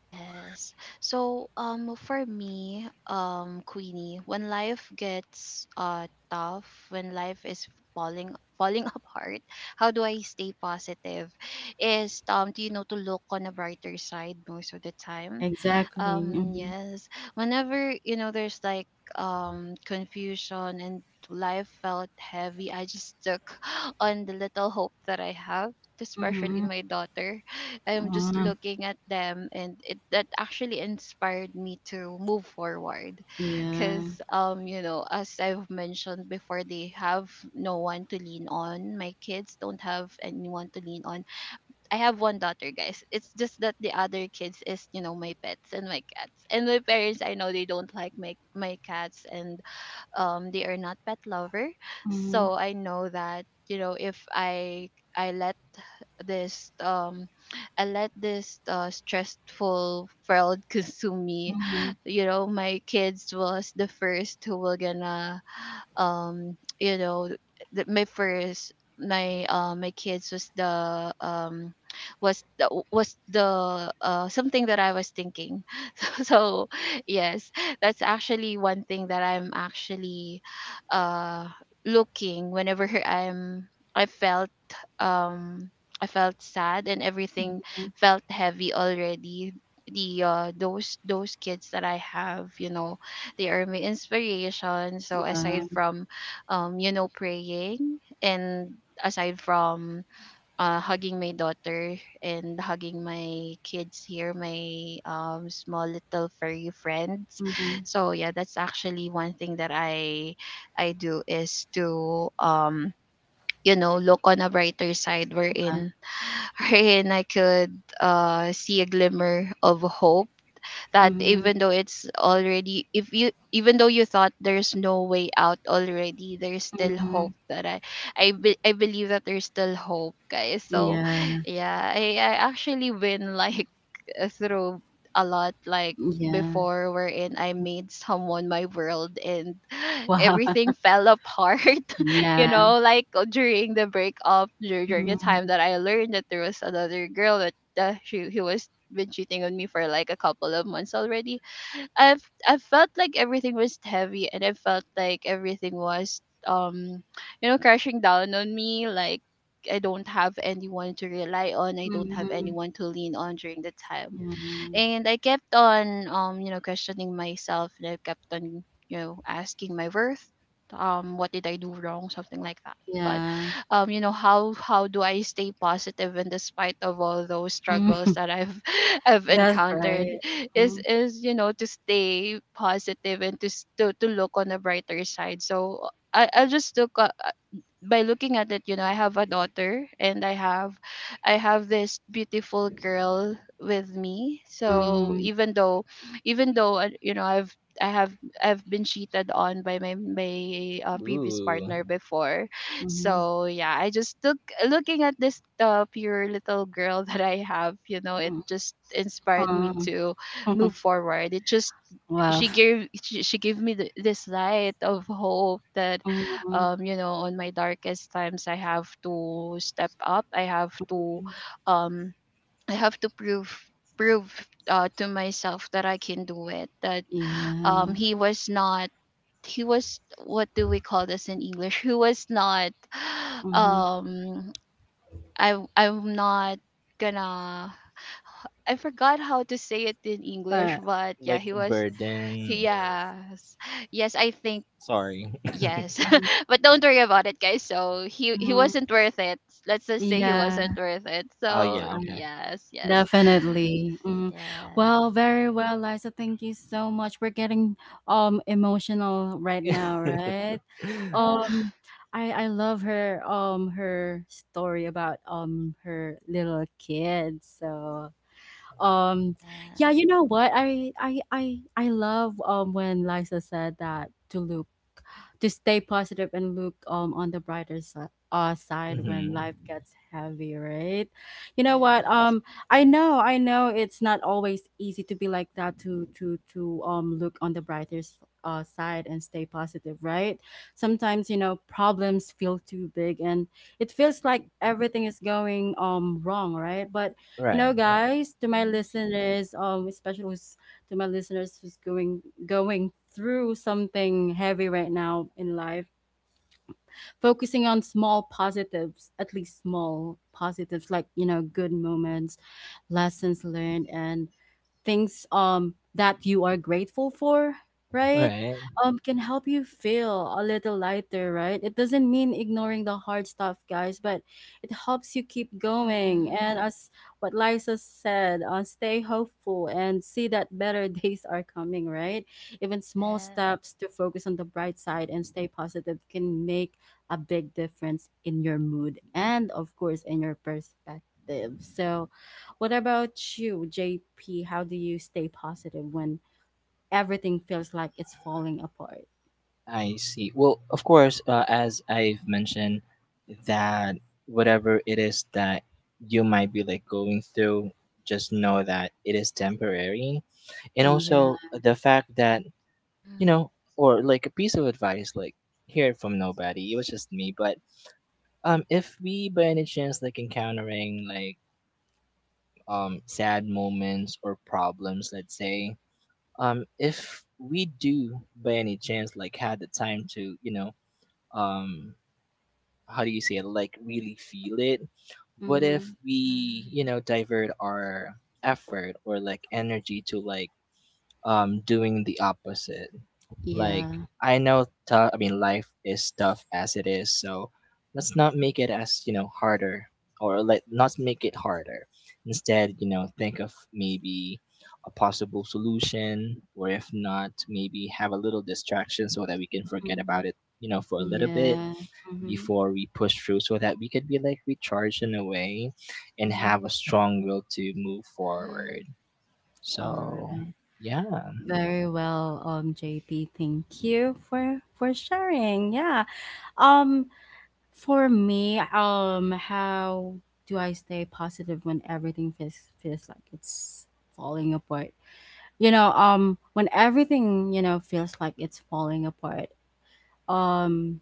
Speaker 2: Yes. So, for me, Queenie, when life gets tough, when life is falling apart, how do I stay positive? Is Do you know, to look on a brighter side most of the time?
Speaker 1: Exactly. Mm-hmm.
Speaker 2: Yes. Whenever, you know, there's like, confusion and life felt heavy, I just took on the little hope that I have, especially
Speaker 1: Mm-hmm.
Speaker 2: my daughter. I'm just
Speaker 1: Ah,
Speaker 2: looking at them, and it that actually inspired me to move forward, because,
Speaker 1: yeah.
Speaker 2: you know, as I've mentioned before, they have no one to lean on. My kids don't have anyone to lean on. I have one daughter, guys. It's just that the other kids is, you know, my pets and my cats, and my parents, I know, they don't like my cats, and they are not pet lover.
Speaker 1: Mm-hmm.
Speaker 2: So I know that, you know, if I I let this I let this stressful world consume me,
Speaker 1: Mm-hmm.
Speaker 2: you know, my kids was the first who were gonna, you know, the, my first my my kids was the something that I was thinking. So yes, that's actually one thing that I'm actually, uh looking whenever i felt um I felt sad, and everything felt heavy already. The, those kids that I have, you know, they are my inspiration. So aside from, you know, praying, and aside from, hugging my daughter and hugging my kids here, my, small little furry friends.
Speaker 1: Mm-hmm.
Speaker 2: So yeah, that's actually one thing that I do is to, you know, look on a brighter side, wherein wherein I could, see a glimmer of hope, that, even though it's already, if you even though you thought there's no way out already, there's still
Speaker 1: Mm-hmm.
Speaker 2: hope, that I believe that there's still hope, guys. So
Speaker 1: Yeah,
Speaker 2: yeah, I actually been, like, through a lot, like
Speaker 1: yeah.
Speaker 2: before, wherein I made someone my world, and
Speaker 1: Wow.
Speaker 2: everything fell apart. You
Speaker 1: Yeah.
Speaker 2: know, like, during the breakup, during the
Speaker 1: Mm,
Speaker 2: time that I learned that there was another girl, that, he was been cheating on me for like a couple of months already. I've I felt like everything was heavy, and I felt like everything was, um you know, crashing down on me, like, I don't have anyone to rely on. I don't have
Speaker 1: mhm.
Speaker 2: anyone to lean on during the time,
Speaker 1: Yeah,
Speaker 2: and I kept on you know, questioning myself, and I kept on you know asking my worth. What did I do wrong, something like that? But
Speaker 1: yeah.
Speaker 2: you know, how do I stay positive in despite of all those
Speaker 1: Mm,
Speaker 2: struggles that I've I've
Speaker 1: that's
Speaker 2: encountered
Speaker 1: right.
Speaker 2: is
Speaker 1: Mhm,
Speaker 2: you know to stay positive and to look on the brighter side. So I just took a, by looking at it, you know, I have a daughter and I have this beautiful girl with me. So
Speaker 1: mhm,
Speaker 2: even though you know, I have I've been cheated on by my previous
Speaker 3: Ooh,
Speaker 2: partner before.
Speaker 1: mhm,
Speaker 2: So yeah, I just look looking at this pure little girl that I have, you know, it
Speaker 1: mhm.
Speaker 2: just inspired me to
Speaker 1: Mhm.
Speaker 2: move forward. It just
Speaker 1: Wow.
Speaker 2: she gave me this light of hope that
Speaker 1: Mhm.
Speaker 2: you know, on my darkest times, I have to step up, I have to, um I have to prove to myself that I can do it. That
Speaker 1: Yeah.
Speaker 2: He was not, he was, what do we call this in English? He was not
Speaker 1: Mhm.
Speaker 2: um I I'm not gonna I forgot how to say it in English,
Speaker 1: But
Speaker 2: but yeah,
Speaker 3: like
Speaker 2: he was.
Speaker 3: burden or
Speaker 2: Yes. Yes, I think
Speaker 3: sorry.
Speaker 2: yes.
Speaker 1: mhm,
Speaker 2: But don't worry about it, guys. So he
Speaker 1: mhm,
Speaker 2: wasn't worth it. Let's just say he
Speaker 1: yeah.
Speaker 2: wasn't worth it.
Speaker 3: Oh
Speaker 2: So
Speaker 3: yeah, okay.
Speaker 2: yes, yes.
Speaker 1: Definitely. Mm.
Speaker 2: Yes.
Speaker 1: Well, very well, Liza. Thank you so much. We're getting emotional right now,
Speaker 3: mm-hmm.
Speaker 1: right?
Speaker 2: Yeah.
Speaker 1: Um I love her her story about her little kid. So um yeah, you know what? I love when Liza said that to Luke to stay positive and look on the brighter side when life gets heavy, right? You
Speaker 2: Yes.
Speaker 1: know what?
Speaker 2: Yes.
Speaker 1: I know, it's not always easy to be like that, to look on the brighter side and stay positive, right? Sometimes you know problems feel too big and it feels like everything is going wrong, right? But you know,
Speaker 3: Right,
Speaker 1: yeah, guys, to my
Speaker 2: Mhm,
Speaker 1: listeners, especially to my listeners who's going through something heavy right now in life. Focusing on small positives, at least small positives like, you know, good moments, lessons learned, and things that you are grateful for right
Speaker 3: right.
Speaker 1: can help you feel a little lighter, right? It doesn't mean ignoring the hard stuff, guys, but it helps you keep going.
Speaker 2: mhm,
Speaker 1: And as what Liza said, stay hopeful and see that better days are coming, right? Even small
Speaker 2: yes,
Speaker 1: steps to focus on the bright side and stay positive can make a big difference in your mood and, of course, in your perspective. So what about you, JP? How do you stay positive when everything feels like it's falling apart?
Speaker 3: I see. Well, of course, as I've mentioned, that whatever it is that you might be like going through, just know that it is temporary, and
Speaker 1: Yeah.
Speaker 3: also the fact that you
Speaker 2: mhm,
Speaker 3: know, or like a piece of advice, like hear it from nobody. It was just me, but if we by any chance like encountering like sad moments or problems, let's say, if we do by any chance like had the time to, you know, um, how do you say it, like really feel it, what
Speaker 1: Mm-hmm.
Speaker 3: if we,
Speaker 2: mhm,
Speaker 3: you know, divert our effort or like energy to like doing the opposite like
Speaker 1: Yeah.
Speaker 3: I know tough I mean life is tough as it is so let's not make it as you know harder or like not make it harder instead you know think of maybe a possible solution or if not maybe have a little distraction so that we can forget
Speaker 1: Mm-hmm.
Speaker 3: about it you know for a little bit
Speaker 1: Yeah. Mm-hmm.
Speaker 3: before we push through so that we could be like recharged in a way and
Speaker 1: Mm-hmm.
Speaker 3: have a strong will to move
Speaker 2: mhm,
Speaker 3: forward
Speaker 1: All
Speaker 3: so
Speaker 1: right.
Speaker 3: yeah.
Speaker 1: Very well, JP. Thank you for sharing. Yeah. Um, for me, how do I stay positive when everything feels like it's falling apart? You know, when everything you know feels like it's falling apart, um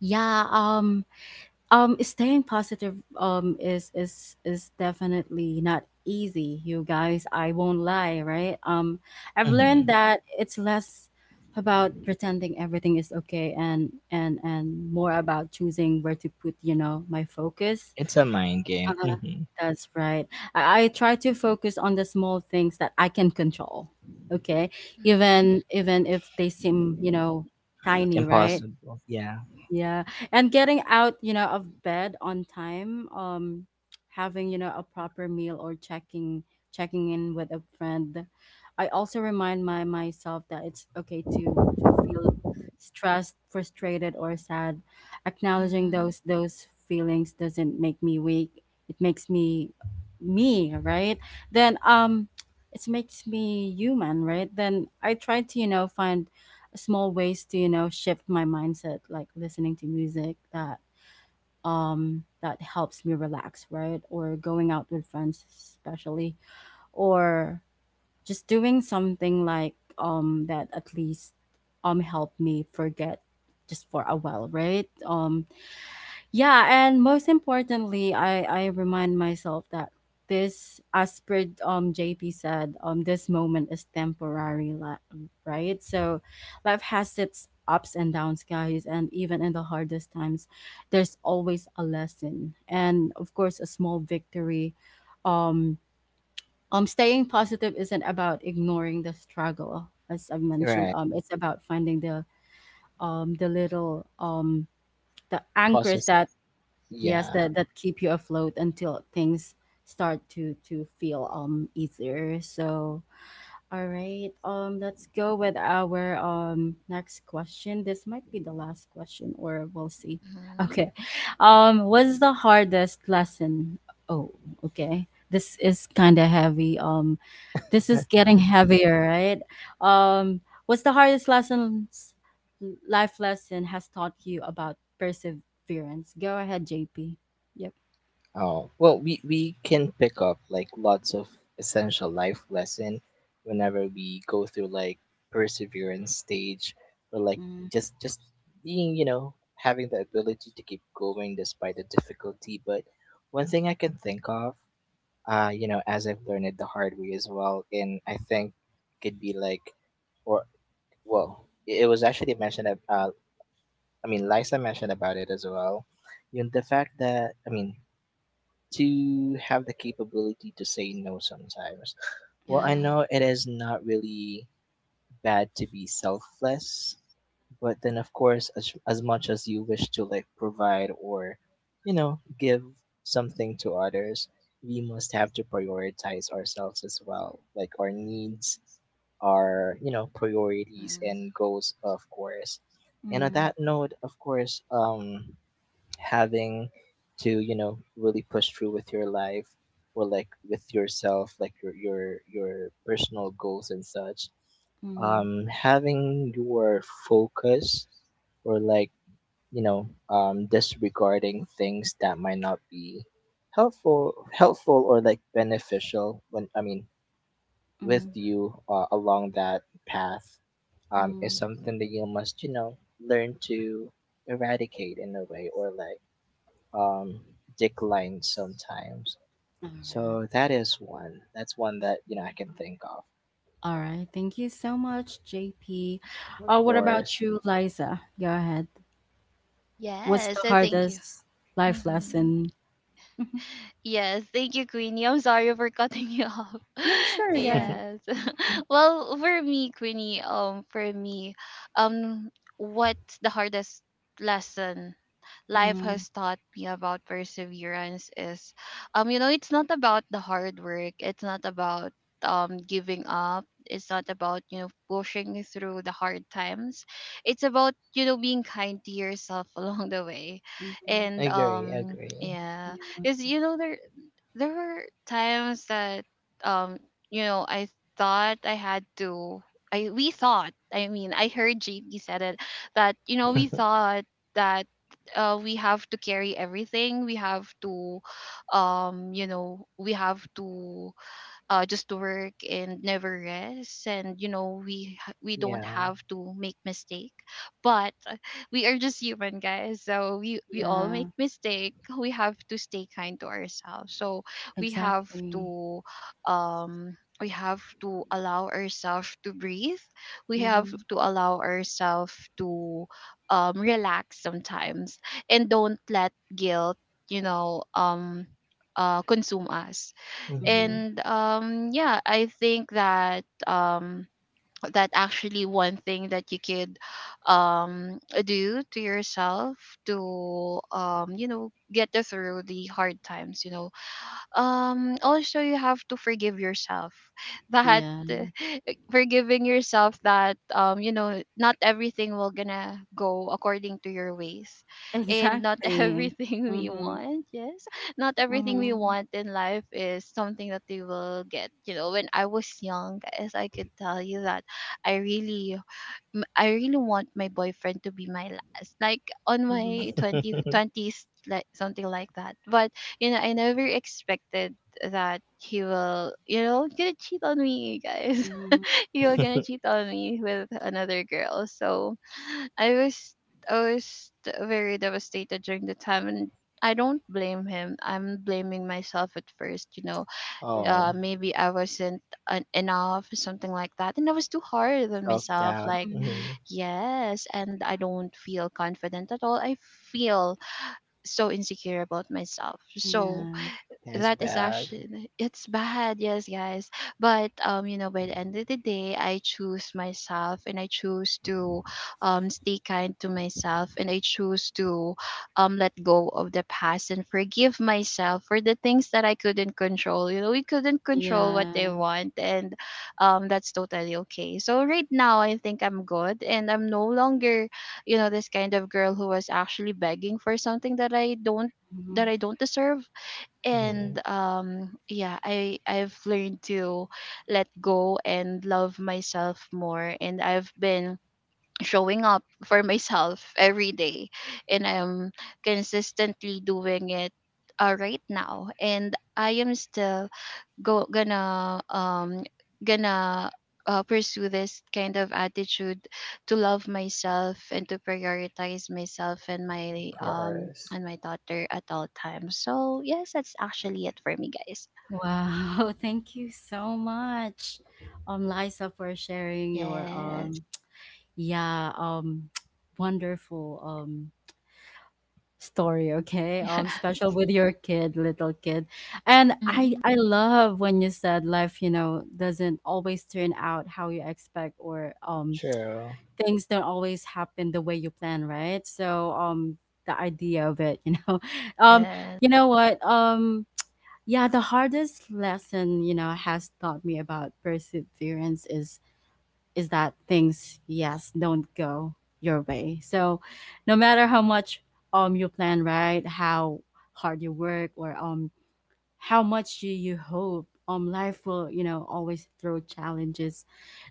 Speaker 1: yeah um staying positive is definitely not easy, you guys. I won't lie, right? I've learned
Speaker 3: Mhm.
Speaker 1: that it's less about pretending everything is okay, and more about choosing where to put, you know, my focus.
Speaker 3: It's a mind
Speaker 1: uh,
Speaker 3: game. Hmm
Speaker 1: that's right. I try to focus on the small things that I can control, okay?
Speaker 2: mhm,
Speaker 1: Even if they seem, you know, tiny, right?
Speaker 3: Impossible. Yeah.
Speaker 1: Yeah, and getting out, you know, of bed on time, having, you know, a proper meal or checking in with a friend. I also remind my myself that it's okay to feel stressed, frustrated, or sad. Acknowledging
Speaker 2: mhm,
Speaker 1: those feelings doesn't make me weak. It makes me me, right? Then it makes me human, right? Then I try to, you know, find small ways to, you know, shift my mindset, like listening to music that that helps me relax, right? Or going out with friends, especially, or just doing something like, um, that at least help me forget, just for a while, right? Yeah, and most importantly, I remind myself that this, as per JP said, um, this moment is temporary, right? So, life has its ups and downs, guys, and even in the hardest times, there's always a lesson, and of course, a small victory. Um, Staying positive isn't about ignoring the struggle, as I've mentioned.
Speaker 3: Right.
Speaker 1: It's about finding the little the anchors
Speaker 3: Process.
Speaker 1: that— Yes,
Speaker 3: Yeah.
Speaker 1: that keep you afloat until things start to feel easier. So, all right, let's go with our next question. This might be the last question, or we'll see.
Speaker 2: mhm.
Speaker 1: Okay, what's the hardest lesson? Oh, okay, this is kind of heavy. This is getting
Speaker 2: Yeah.
Speaker 1: heavier, right? Um, what's the hardest lessons life lesson has taught you about perseverance? Go ahead, JP. Yep.
Speaker 3: Oh. Well, we can pick up like lots of essential life lesson whenever we go through like perseverance stage or like
Speaker 1: Mm,
Speaker 3: just being, you know, having the ability to keep going despite the difficulty. But one thing I can think of, you know, as I've learned it the hard way as well, and I think could be like or well it was actually mentioned I mean, Liza mentioned about it as well. You know, the fact that, I mean, to have the capability to say no sometimes.
Speaker 2: Yeah.
Speaker 3: Well, I
Speaker 1: mm,
Speaker 3: know it is not really bad to be selfless, but then, of course, as much as you wish to, like, provide or, you know, give something to others, we must have to prioritize ourselves as well. Like, our needs, our, you know, priorities
Speaker 2: Mhm.
Speaker 3: and goals, of course. And on
Speaker 1: mm,
Speaker 3: that note, of course, having to you know really push through with your life or like with yourself like your personal goals and such
Speaker 1: mm,
Speaker 3: having your focus or like you know disregarding things that might not be helpful or like beneficial when I mean with
Speaker 1: mm,
Speaker 3: you along that path is
Speaker 1: mm.
Speaker 3: something that you must you know learn to eradicate in a way or like um, decline sometimes.
Speaker 1: All right.
Speaker 3: So that is one. That's one that you know I can think of.
Speaker 1: All right. Thank you so much, JP.
Speaker 3: Of
Speaker 1: What about
Speaker 3: course,
Speaker 1: you, Liza? Go ahead. What's
Speaker 2: Yes,
Speaker 1: the
Speaker 2: I thank you.
Speaker 1: hardest life
Speaker 2: Mm-hmm.
Speaker 1: lesson? Mhm.
Speaker 2: Yes, thank you, Queenie. I'm sorry for cutting you off.
Speaker 1: Yeah, sure. Go
Speaker 3: agree,
Speaker 1: ahead.
Speaker 2: Yes. Well, for me, Queenie, for me, um, what's the hardest lesson life
Speaker 1: Mm-hmm.
Speaker 2: has taught me about perseverance is, you know, it's not about the hard work. It's not about giving up. It's not about you know pushing through the hard times. It's about you know being kind to yourself along the way.
Speaker 1: Mm-hmm. Mm-hmm.
Speaker 2: And
Speaker 3: agree.
Speaker 2: yeah,
Speaker 1: Yeah.
Speaker 2: because you know there were times that um you know, thought I had to I we thought, I mean, I heard JP said it that you know we thought that we have to carry everything, we have to, you know, we have to just to work and never rest. And you know, we don't
Speaker 3: Yeah.
Speaker 2: have to make mistake, but we are just human, guys. So we all make
Speaker 1: Yeah.
Speaker 2: mistake, we have to stay kind to ourselves. So we have
Speaker 1: Exactly.
Speaker 2: to, um we have to allow ourselves to breathe, we have
Speaker 1: Mm-hmm.
Speaker 2: to allow ourselves to relax sometimes, and don't let guilt you know um consume us.
Speaker 3: hmm
Speaker 1: Mhm.
Speaker 2: And yeah, I think that that actually one thing that you could um do to yourself to you know get you through the hard times, you know. Also, you have to forgive yourself that
Speaker 1: Yeah.
Speaker 2: uh, forgiving yourself that you know not everything will gonna go according to your ways, and not
Speaker 1: Exactly.
Speaker 2: everything we
Speaker 1: Mhm.
Speaker 2: want. Yes, not everything we
Speaker 1: Mhm.
Speaker 2: want in life is something that we will get. You know, when I was young, guys, I could tell you that I really I really want my boyfriend to be my last, like on
Speaker 1: Mhm.
Speaker 2: my 20 twenties, like something like that. But you know, I never expected that he will, you know, gonna cheat on me, you guys.
Speaker 1: Mhm.
Speaker 2: He will gonna cheat on me with another girl. So I was, I was very devastated during the time, and I don't blame him. I'm blaming myself at first, you know.
Speaker 3: Oh,
Speaker 1: Mhm.
Speaker 2: Maybe I wasn't enough, something like that, and I was too hard on
Speaker 3: self
Speaker 2: myself,
Speaker 3: doubt.
Speaker 2: like.
Speaker 1: Mhm.
Speaker 3: Hmm
Speaker 2: Yes, and I don't feel confident at all. I feel so insecure about myself. So,
Speaker 1: Yeah.
Speaker 3: That's
Speaker 2: that is
Speaker 3: bad.
Speaker 2: actually, it's bad, yes, guys. But you know, by the end of the day, I choose myself, and I choose to stay kind to myself, and I choose to let go of the past and forgive myself for the things that I couldn't control. You know, we couldn't control what
Speaker 1: Yeah.
Speaker 2: they want. And that's totally okay. So right now I think I'm good, and I'm no longer you know this kind of girl who was actually begging for something
Speaker 1: Mhm.
Speaker 2: that I don't deserve. And
Speaker 3: Hmm
Speaker 2: yeah, I I've learned to let go and love myself more, and I've been showing up for myself every day, and I'm consistently doing it right now, and I am still go gonna, gonna pursue this kind of attitude to love myself and to prioritize myself and
Speaker 3: Of course.
Speaker 2: my daughter at all times. So yes, that's actually it for me, guys.
Speaker 1: Wow. Thank you so much, Liza, for sharing your
Speaker 2: Yes.
Speaker 1: yeah, wonderful story. Okay. Special with your kid, little kid, and I love when you said life, you know, doesn't always turn out how you expect, or
Speaker 3: True.
Speaker 1: things don't always happen the way you plan, right? So the idea of it, you know. Um,
Speaker 2: Yeah.
Speaker 1: you know what? Um, yeah, the hardest lesson, you know, has taught me about perseverance is that things, yes, don't go your way. So no matter how much you plan, right, how hard you work, or how much do you hope, life will, you know, always throw challenges,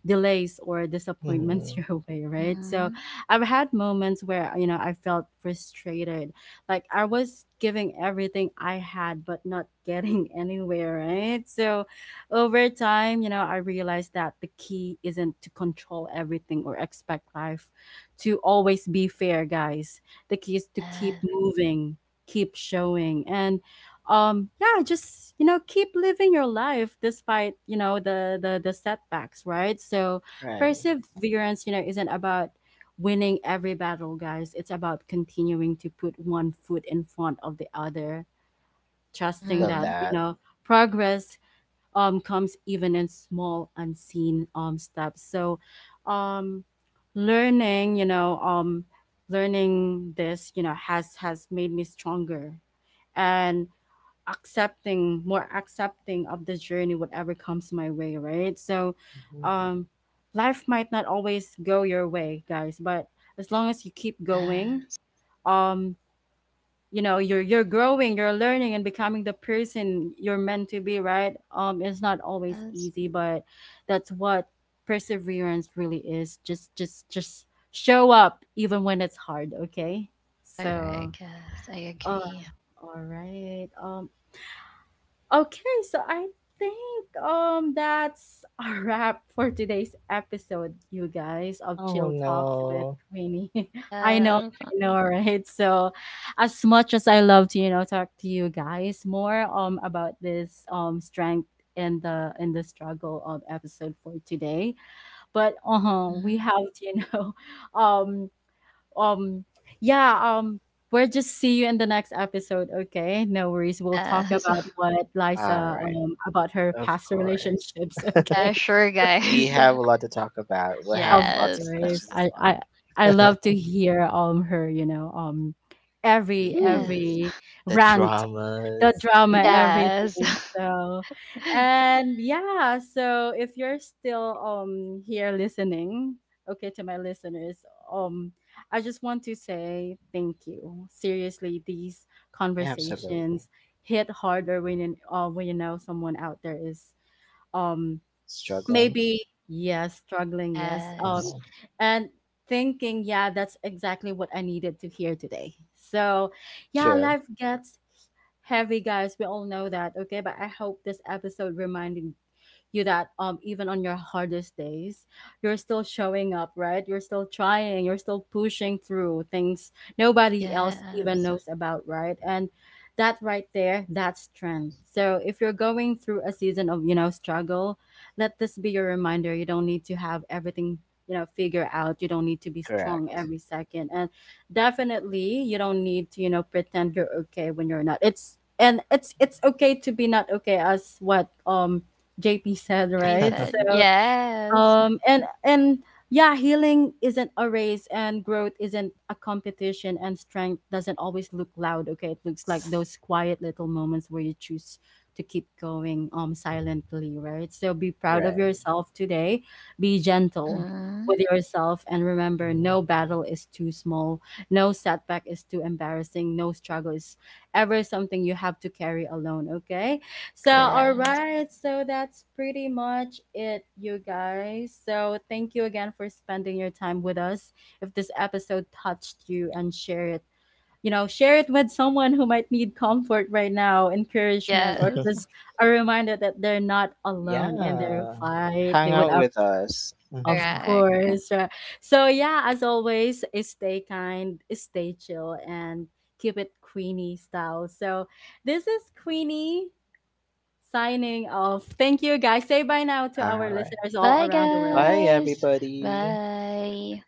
Speaker 1: delays, or disappointments
Speaker 3: Hmm
Speaker 1: your
Speaker 2: Mhm.
Speaker 1: way, right?
Speaker 2: Yes.
Speaker 1: So
Speaker 2: Mhm.
Speaker 1: I've had moments where, you know, I felt frustrated, like I was giving everything I had but not getting anywhere, right? So over time, you know, I realized that the key isn't to control everything or expect life to always be fair, guys. The key is to keep
Speaker 2: Yes.
Speaker 1: moving, keep showing, and yeah, just, you know, keep living your life despite, you know, the setbacks, right? So
Speaker 3: Right.
Speaker 1: perseverance, you know, isn't about winning every battle, guys. It's about continuing to put one foot in front of the other, trusting
Speaker 3: Love
Speaker 1: that,
Speaker 2: Mhm.
Speaker 1: you
Speaker 3: that.
Speaker 1: know, progress comes even in small, unseen steps. So um learning, you know, um, learning this, you know, has made me stronger and accepting, more accepting of the journey, whatever comes my way, right? So
Speaker 3: Mhm.
Speaker 1: um life might not always go your way, guys, but as long as you keep going,
Speaker 2: Yes.
Speaker 1: um you know, you're growing, you're learning, and becoming the person you're meant to be, right? Um, it's not always
Speaker 2: Yes.
Speaker 1: easy, but that's what perseverance really is. Just just show up even when it's hard, okay? So,
Speaker 2: Correct. Yes, I
Speaker 1: uh,
Speaker 2: agree.
Speaker 1: all right, um, okay, so I think that's a wrap for today's episode, you guys, of
Speaker 3: Oh
Speaker 1: Chill Talks with
Speaker 3: no.
Speaker 1: Queenie.
Speaker 2: Yes.
Speaker 1: I know, right? So as much as I love to, you know, talk to you guys more about this strength and the in the struggle of episode for today. But uh-huh,
Speaker 2: Mhm.
Speaker 1: we have to, you know, um um, yeah, we'll just see you in the next episode, okay? No worries. We'll talk
Speaker 2: Yes.
Speaker 1: about what
Speaker 3: All
Speaker 1: Liza
Speaker 3: right.
Speaker 1: about her
Speaker 3: Of
Speaker 1: past
Speaker 3: course.
Speaker 1: relationships,
Speaker 2: Yeah,
Speaker 1: okay?
Speaker 2: sure,
Speaker 3: We
Speaker 2: guys.
Speaker 3: have a lot to talk about. We have
Speaker 1: Of
Speaker 3: lots of
Speaker 2: Yes.
Speaker 1: course.
Speaker 3: questions as
Speaker 1: I
Speaker 3: well.
Speaker 1: I I love to hear her, you know, um, every
Speaker 3: Ooh.
Speaker 1: every
Speaker 2: Yes.
Speaker 3: The
Speaker 1: rant, the
Speaker 3: dramas.
Speaker 1: drama,
Speaker 3: Hmm
Speaker 2: Yes.
Speaker 1: everything. So, and yeah, so if you're still here listening, okay, to my listeners, um, I just want to say thank you. Seriously, these
Speaker 3: Absolutely.
Speaker 1: conversations hit harder when you, when you know someone out there is um
Speaker 3: Struggling.
Speaker 1: maybe, yes, struggling, yes,
Speaker 2: Yes.
Speaker 3: Uh-huh.
Speaker 1: and thinking, yeah, that's exactly what I needed to hear today. So yeah,
Speaker 3: True.
Speaker 1: life gets heavy, guys, we all know that, okay? But I hope this episode reminded you that, um, even on your hardest days, you're still showing up, right? You're still trying, you're still pushing through things nobody else
Speaker 2: Yes.
Speaker 1: even knows about, right? And that right there, that's strength. So if you're going through a season of, you know, struggle, let this be your reminder. You don't need to have everything, you know, figure out. You don't need to be strong
Speaker 3: Correct.
Speaker 1: every second. And definitely you don't need to, you know, pretend you're okay when you're not. It's— and it's okay to be not okay, as what JP said,
Speaker 2: Baby
Speaker 1: right?
Speaker 2: said
Speaker 1: So,
Speaker 2: yes.
Speaker 1: and yeah, healing isn't a race, and growth isn't a competition, and strength doesn't always look loud. Okay, it looks like those quiet little moments where you choose to keep going, silently, right? So be proud of
Speaker 3: Right.
Speaker 1: yourself today. Be gentle
Speaker 2: Mm-hmm.
Speaker 1: with yourself, and remember, no
Speaker 3: hmm
Speaker 1: battle is too small, no setback is too embarrassing, no struggle is ever something you have to carry alone. Okay. So, all
Speaker 3: Correct.
Speaker 2: Yes.
Speaker 1: right. So that's pretty much it, you guys. So, thank you again for spending your time with us. If this episode touched you, and share it, you know, share it with someone who might need comfort right now, encouragement, or
Speaker 2: Yes.
Speaker 1: just a reminder that they're not alone in their
Speaker 3: Yeah.
Speaker 1: fight.
Speaker 3: Hang
Speaker 1: They would
Speaker 3: out
Speaker 1: have.
Speaker 3: with us.
Speaker 1: Of
Speaker 3: Hmm
Speaker 2: Correct.
Speaker 1: course. Right? So, yeah, as always, stay kind, stay chill, and keep it Queenie style. So, this is Queenie signing off. Thank you, guys. Say bye now to
Speaker 3: All
Speaker 1: our
Speaker 3: right.
Speaker 1: listeners all
Speaker 2: Bye,
Speaker 1: around the world.
Speaker 3: Bye,
Speaker 2: guys.
Speaker 3: everybody.
Speaker 2: Bye.